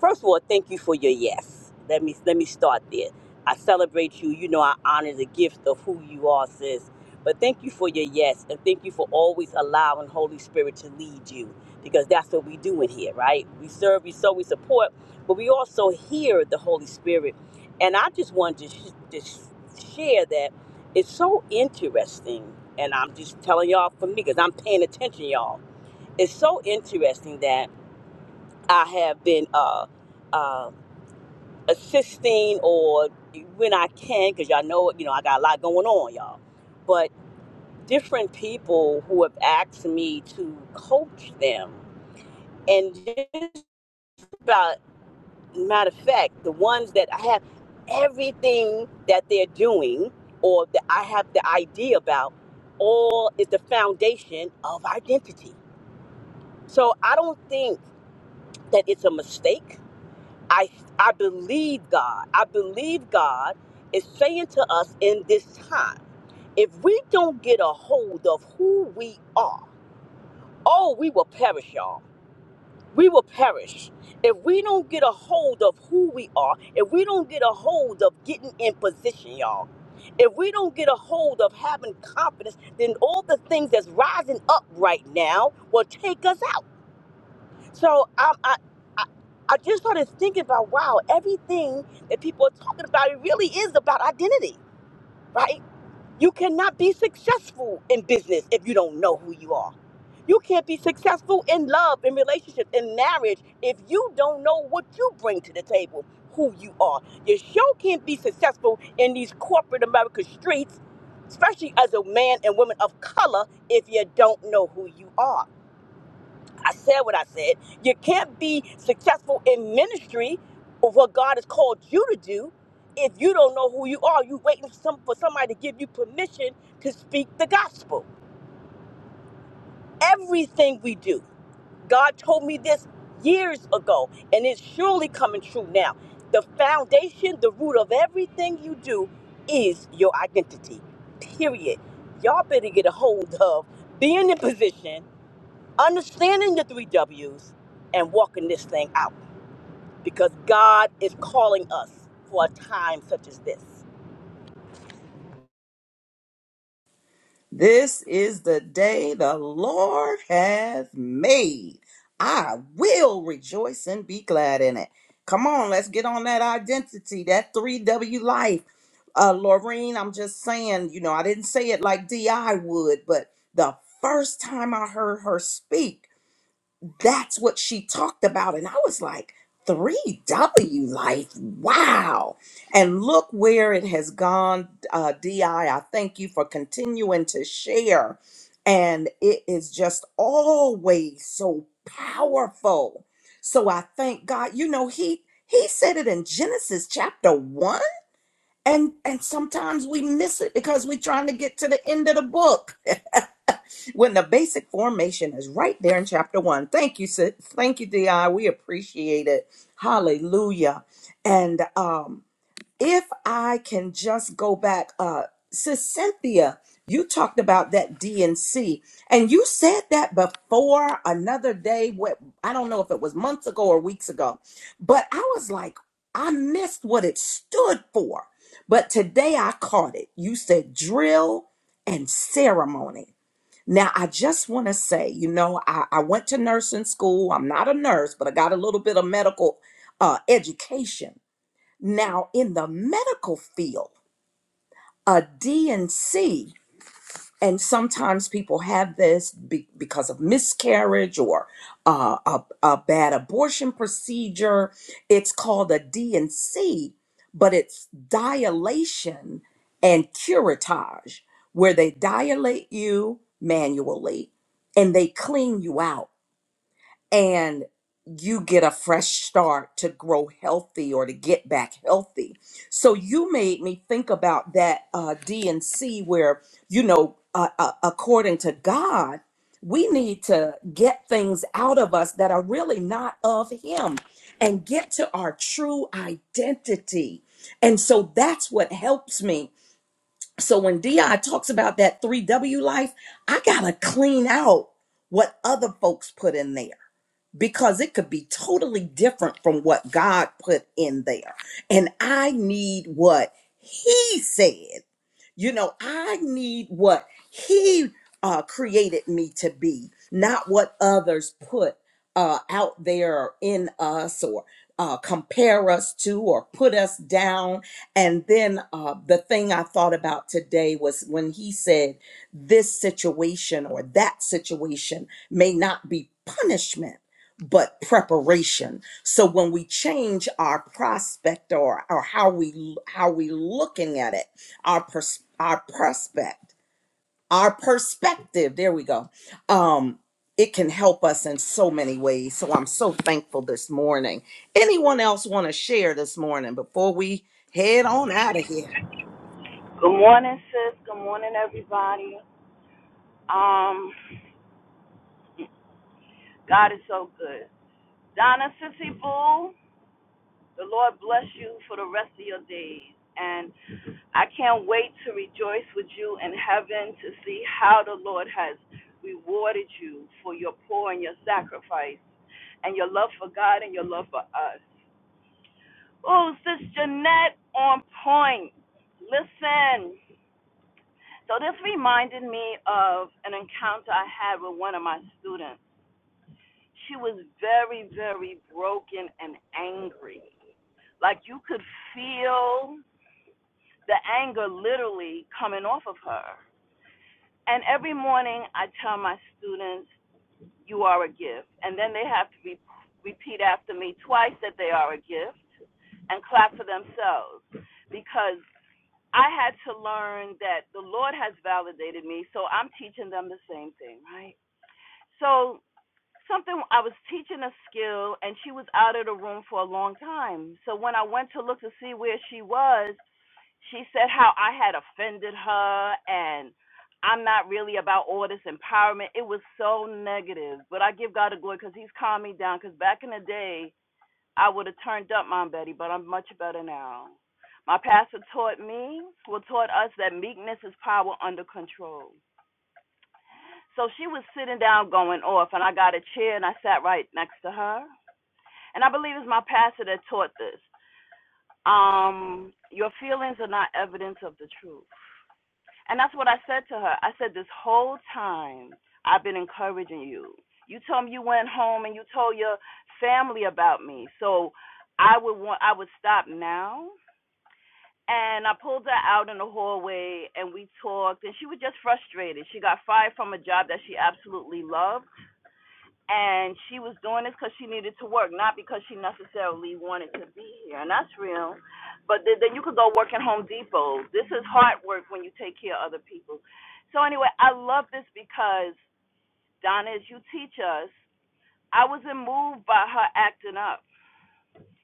Speaker 11: First of all, thank you for your yes. Let me let me start there. I celebrate you. You know, I honor the gift of who you are, sis. But thank you for your yes, and thank you for always allowing Holy Spirit to lead you, because that's what we do in here, right? We serve, we sow, we support, but we also hear the Holy Spirit. And I just wanted to, sh- to sh- share that it's so interesting, and I'm just telling y'all for me, because I'm paying attention, y'all it's so interesting that I have been uh, uh, assisting or when I can, because y'all know, you know, I got a lot going on, y'all. But different people who have asked me to coach them, and just about matter of fact, the ones that I have everything that they're doing or that I have the idea about, all is the foundation of identity. So I don't think that it's a mistake I I believe God. I believe God is saying to us in this time, if we don't get a hold of who we are, oh, we will perish, y'all. We will perish. If we don't get a hold of who we are, if we don't get a hold of getting in position, y'all. If we don't get a hold of having confidence, then all the things that's rising up right now will take us out. So um, I, I, I just started thinking about wow, everything that people are talking about, it really is about identity, right? You cannot be successful in business if you don't know who you are. You can't be successful in love, in relationships, in marriage if you don't know what you bring to the table, who you are. You sure can't be successful in these corporate America streets, especially as a man and woman of color, if you don't know who you are. I said what I said. You can't be successful in ministry or what God has called you to do if you don't know who you are. you waiting for, some, for somebody to give you permission to speak the gospel. Everything we do, God told me this years ago, and it's surely coming true now. The foundation, the root of everything you do is your identity, period. Y'all better get a hold of being in position understanding the three W's and walking this thing out because God is calling us for a time such as this.
Speaker 1: This is the day the Lord hath made. I will rejoice and be glad in it. Come on, let's get on that identity, that 3W life. Uh, Laureen, I'm just saying, you know, I didn't say it like D.I. would, but the first time I heard her speak, that's what she talked about. And I was like, 3W life, wow. And look where it has gone, uh, DI. I I thank you for continuing to share. And it is just always so powerful. So I thank God, you know, he he said it in Genesis chapter one. And and sometimes we miss it because we're trying to get to the end of the book when the basic formation is right there in chapter one. Thank you, sis. Thank you, Di. We appreciate it. Hallelujah. And um, if I can just go back, uh, Sis Cynthia, you talked about that DNC, and you said that before another day. What I don't know if it was months ago or weeks ago, but I was like, I missed what it stood for. But today I caught it. You said drill and ceremony. Now, I just want to say, you know, I, I went to nursing school. I'm not a nurse, but I got a little bit of medical uh, education. Now, in the medical field, a D and C and sometimes people have this be- because of miscarriage or uh, a, a bad abortion procedure it's called a D and C, but it's dilation and curettage where they dilate you manually and they clean you out and you get a fresh start to grow healthy or to get back healthy. So you made me think about that uh, D and C, where you know, uh, uh, according to God, we need to get things out of us that are really not of Him and get to our true identity. And so that's what helps me. So when Di talks about that 3W life, I got to clean out what other folks put in there because it could be totally different from what God put in there. And I need what He said. You know, I need what He uh, created me to be, not what others put uh, out there or in us or uh, compare us to or put us down. And then uh, the thing I thought about today was when He said, This situation or that situation may not be punishment but preparation. So when we change our prospect or or how we how we looking at it, our pers- our prospect, our perspective, there we go. Um it can help us in so many ways. So I'm so thankful this morning. Anyone else want to share this morning before we head on out of here?
Speaker 13: Good morning, sis. Good morning, everybody. Um, God is so good. Donna Sissy Boo, the Lord bless you for the rest of your days. And I can't wait to rejoice with you in heaven to see how the Lord has rewarded you for your pour and your sacrifice and your love for God and your love for us. Oh, Sis Jeanette on point. Listen. So this reminded me of an encounter I had with one of my students. She was very, very broken and angry. Like you could feel the anger literally coming off of her. And every morning I tell my students, you are a gift. And then they have to re- repeat after me twice that they are a gift and clap for themselves because I had to learn that the Lord has validated me, so I'm teaching them the same thing, right? So something I was teaching a skill and she was out of the room for a long time. So when I went to look to see where she was, she said how I had offended her and I'm not really about all this empowerment. It was so negative, but I give God the glory because He's calmed me down. Because back in the day, I would have turned up, Mom Betty, but I'm much better now. My pastor taught me, well, taught us that meekness is power under control. So she was sitting down going off, and I got a chair and I sat right next to her. And I believe it's my pastor that taught this. Um, your feelings are not evidence of the truth. And that's what I said to her. I said, This whole time I've been encouraging you. You told me you went home and you told your family about me. So I would want I would stop now. And I pulled her out in the hallway and we talked and she was just frustrated. She got fired from a job that she absolutely loved and she was doing this because she needed to work, not because she necessarily wanted to be here, and that's real. But th- then you could go work at Home Depot. This is hard work when you take care of other people. So anyway, I love this because Donna, as you teach us, I was moved by her acting up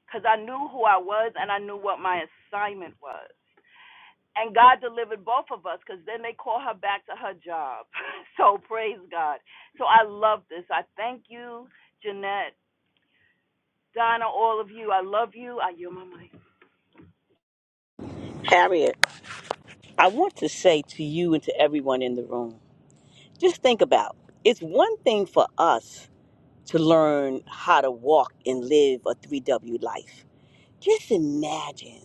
Speaker 13: because I knew who I was and I knew what my assignment was. And God delivered both of us because then they call her back to her job. so praise God. So I love this. I thank you. Jeanette Donna, all of you, I love you. I, you my mic.
Speaker 11: Harriet, I want to say to you and to everyone in the room just think about it's one thing for us to learn how to walk and live a 3W life. Just imagine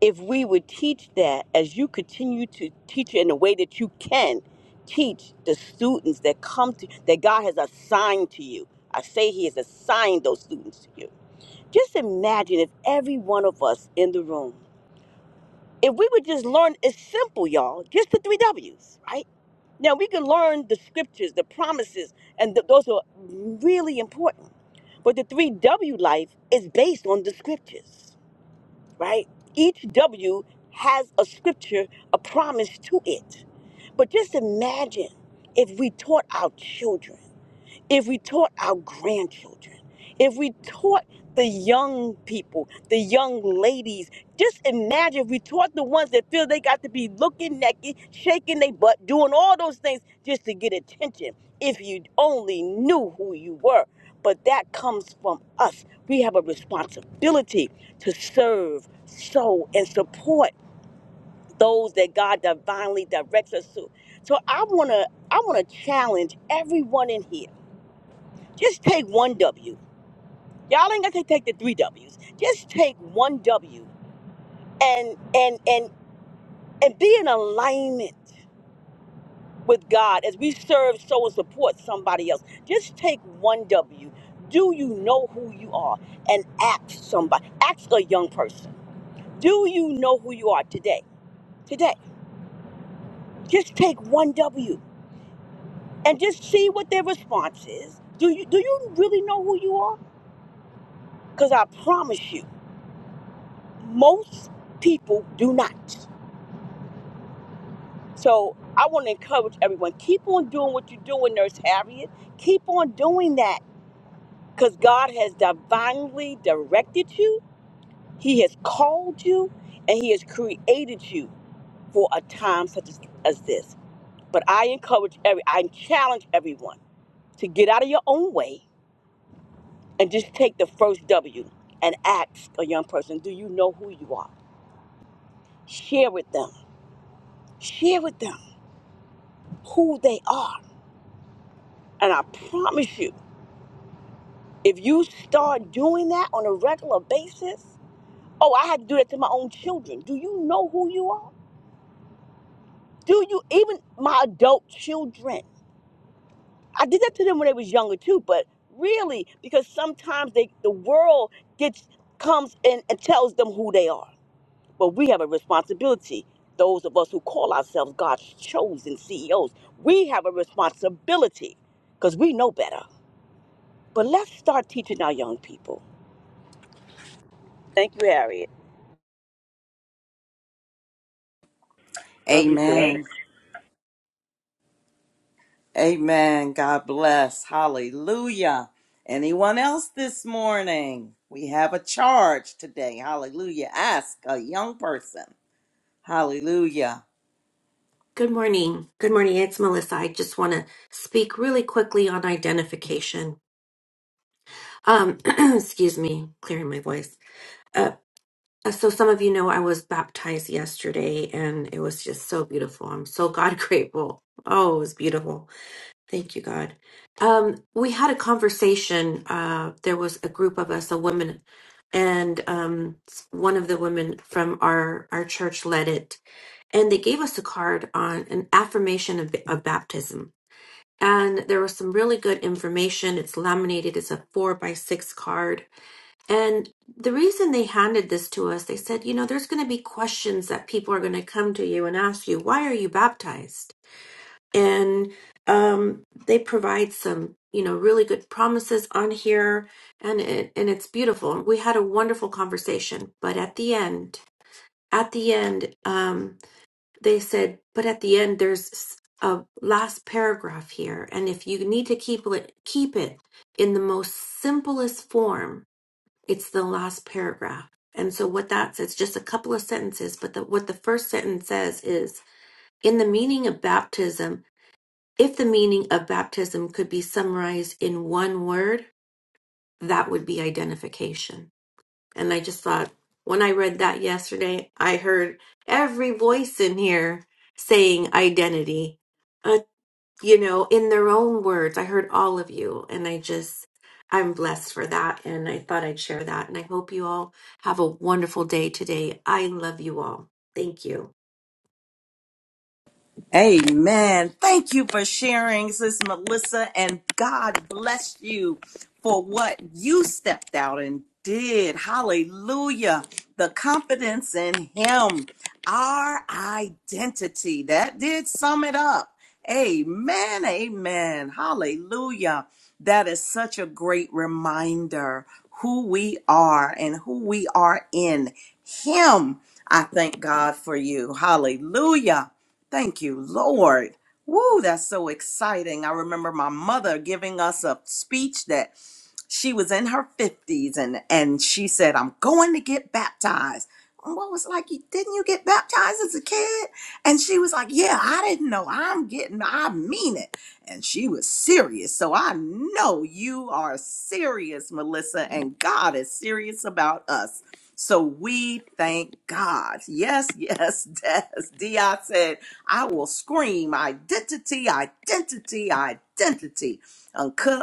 Speaker 11: if we would teach that as you continue to teach it in the way that you can teach the students that come to that god has assigned to you i say he has assigned those students to you just imagine if every one of us in the room if we would just learn it's simple y'all just the three w's right now we can learn the scriptures the promises and th- those are really important but the three w life is based on the scriptures right? Each W has a scripture, a promise to it. But just imagine if we taught our children if we taught our grandchildren, if we taught the young people, the young ladies, just imagine if we taught the ones that feel they got to be looking naked, shaking their butt, doing all those things just to get attention. If you only knew who you were. But that comes from us. We have a responsibility to serve, sow, and support those that God divinely directs us to. So I wanna I wanna challenge everyone in here just take one W. Y'all ain't going to take the three W's. Just take one W and and and and be in alignment with God as we serve, sow, and support somebody else. Just take one W. Do you know who you are? And ask somebody. Ask a young person. Do you know who you are today? Today. Just take one W and just see what their response is. Do you do you really know who you are? Because I promise you, most people do not. So I want to encourage everyone keep on doing what you're doing, Nurse Harriet. Keep on doing that because God has divinely directed you, He has called you, and He has created you for a time such as, as this. But I encourage every, I challenge everyone to get out of your own way and just take the first W and ask a young person, do you know who you are? Share with them. Share with them who they are. And I promise you, If you start doing that on a regular basis, oh, I had to do that to my own children. Do you know who you are? Do you even my adult children? I did that to them when they was younger too, but really because sometimes they the world gets comes in and tells them who they are. But we have a responsibility. Those of us who call ourselves God's chosen CEOs, we have a responsibility because we know better. But let's start teaching our young people. Thank you, Harriet.
Speaker 13: Love you, sis.
Speaker 1: Amen. Amen. God bless. Hallelujah. Anyone else this morning? We have a charge today. Hallelujah. Ask a young person. Hallelujah.
Speaker 14: Good morning. Good morning. It's Melissa. I just want to speak really quickly on identification. Um, excuse me, clearing my voice. Uh, uh, so some of you know I was baptized yesterday and it was just so beautiful. I'm so God grateful. Oh, it was beautiful. Thank you, God. Um, we had a conversation. Uh, there was a group of us, a woman, and um, one of the women from our, our church led it. And they gave us a card on an affirmation of, of baptism and there was some really good information. It's laminated, it's a four by six card. And the reason they handed this to us, they said, you know, there's going to be questions that people are going to come to you and ask you, why are you baptized? And um, they provide some, you know, really good promises on here, and it, and it's beautiful. We had a wonderful conversation, but at the end, at the end, um, they said, but at the end, there's a last paragraph here. And if you need to keep it, keep it in the most simplest form, it's the last paragraph. And so what that says, just a couple of sentences, but the, what the first sentence says is, in the meaning of baptism, if the meaning of baptism could be summarized in one word, that would be identification. And I just thought, when I read that yesterday, I heard every voice in here saying identity, uh, you know, in their own words. I heard all of you. And I just, I'm blessed for that. And I thought I'd share that. And I hope you all have a wonderful day today. I love you all. Thank you.
Speaker 1: Amen. Thank you for sharing, Sis Melissa, and God bless you for what you stepped out and did. Hallelujah. The confidence in Him, our identity. That did sum it up. Amen. Amen. Hallelujah. That is such a great reminder who we are and who we are in Him. I thank God for you. Hallelujah. Thank you, Lord. Woo, that's so exciting. I remember my mother giving us a speech that she was in her 50s and and she said, "I'm going to get baptized." And what was like, "You- "Didn't you get baptized as a kid?" And she was like, "Yeah, I didn't know. I'm getting I mean it." And she was serious. So I know you are serious, Melissa, and God is serious about us. So we thank God. Yes, yes, Des. Di said I will scream identity, identity, identity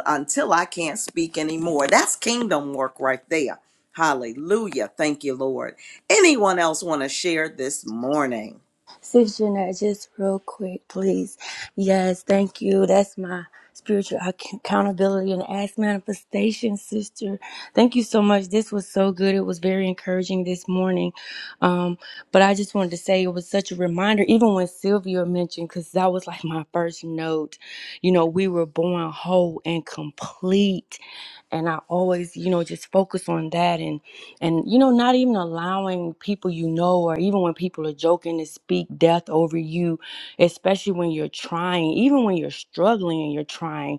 Speaker 1: until I can't speak anymore. That's kingdom work right there. Hallelujah. Thank you, Lord. Anyone else want to share this morning?
Speaker 3: Sister just real quick, please. Yes, thank you. That's my spiritual ac- accountability and ask manifestation, sister. Thank you so much. This was so good. It was very encouraging this morning. Um, but I just wanted to say it was such a reminder, even when Sylvia mentioned, because that was like my first note. You know, we were born whole and complete. And I always, you know, just focus on that and you know not even allowing people you know or even when people are joking to speak death over you especially when you're trying even when you're struggling and you're trying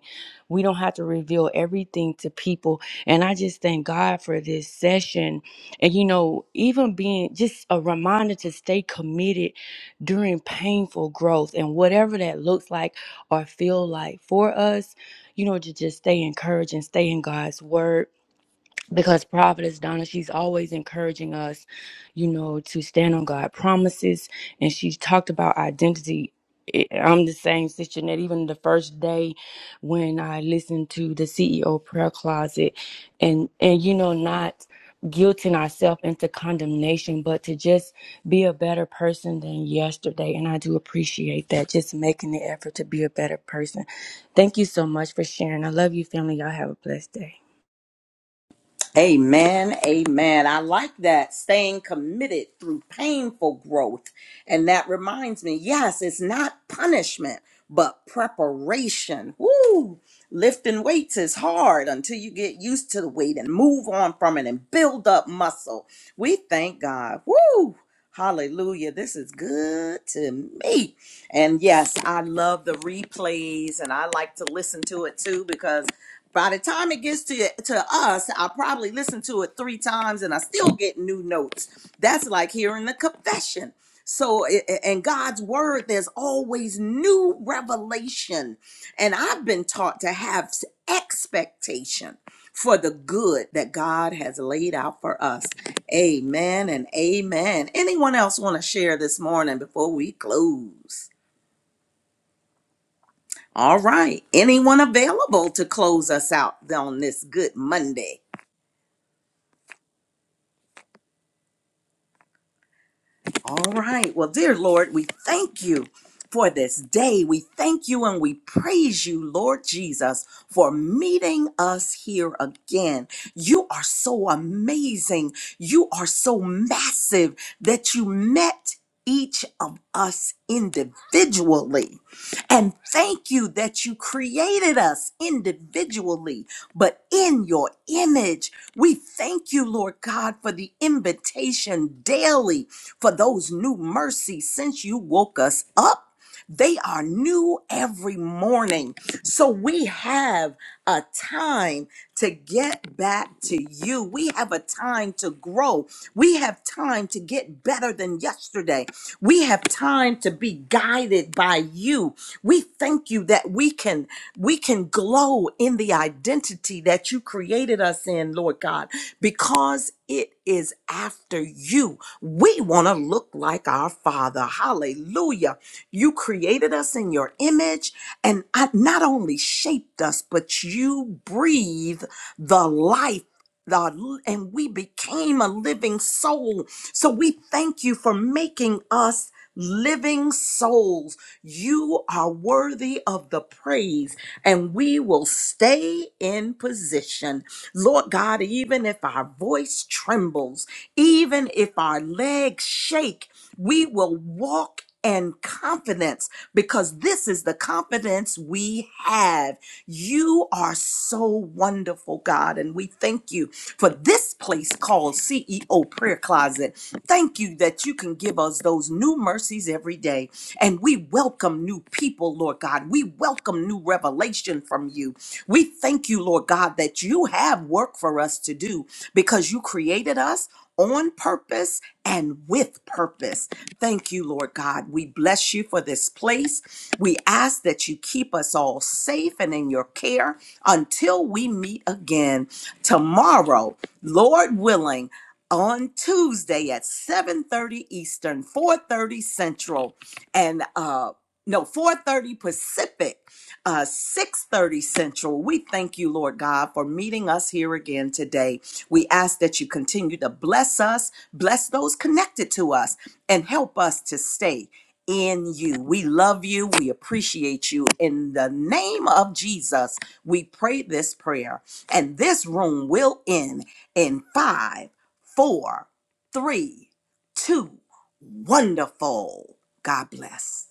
Speaker 3: we don't have to reveal everything to people and i just thank god for this session and you know even being just a reminder to stay committed during painful growth and whatever that looks like or feel like for us you know to just stay encouraged and stay in god's word because prophetess donna she's always encouraging us you know to stand on god promises and she talked about identity I- i'm the same sister that even the first day when i listened to the ceo prayer closet and and you know not guilting ourselves into condemnation but to just be a better person than yesterday and i do appreciate that just making the effort to be a better person thank you so much for sharing i love you family y'all have a blessed day
Speaker 1: Amen. Amen. I like that. Staying committed through painful growth. And that reminds me yes, it's not punishment, but preparation. Woo! Lifting weights is hard until you get used to the weight and move on from it and build up muscle. We thank God. Woo! Hallelujah. This is good to me. And yes, I love the replays and I like to listen to it too because. By the time it gets to to us, I probably listened to it three times and I still get new notes. That's like hearing the confession. So i- i- in God's word, there's always new revelation. And I've been taught to have s- expectation for the good that God has laid out for us. Amen and amen. Anyone else want to share this morning before we close? All right. Anyone available to close us out on this good Monday? All right. Well, dear Lord, we thank you for this day. We thank you and we praise you, Lord Jesus, for meeting us here again. You are so amazing. You are so massive that you met each of us individually. And thank you that you created us individually, but in your image. We thank you, Lord God, for the invitation daily for those new mercies since you woke us up. They are new every morning. So we have a time to get back to you. We have a time to grow. We have time to get better than yesterday. We have time to be guided by you. We thank you that we can we can glow in the identity that you created us in, Lord God, because it is after you. We want to look like our Father. Hallelujah. You created us in your image and I- not only shaped us, but you breathe the life the, and we became a living soul so we thank you for making us living souls. You are worthy of the praise, and we will stay in position. Lord God, even if our voice trembles, even if our legs shake, we will walk. in confidence, because this is the confidence we have. You are so wonderful, God, and we thank you for this place called CEO Prayer Closet. Thank you that you can give us those new mercies every day. And we welcome new people, Lord God. We welcome new revelation from you. We thank you, Lord God, that you have work for us to do because you created us on purpose and with purpose. Thank you, Lord God. We bless you for this place. We ask that you keep us all safe and in your care until we meet again tomorrow, Lord willing, on Tuesday at 7:30 Eastern, 4:30 Central, and uh no, 4:30 Pacific uh, 6.30 Central. We thank you, Lord God, for meeting us here again today. We ask that you continue to bless us, bless those connected to us, and help us to stay in you. We love you. We appreciate you. In the name of Jesus, we pray this prayer. And this room will end in five, four, three, two. Wonderful. God bless.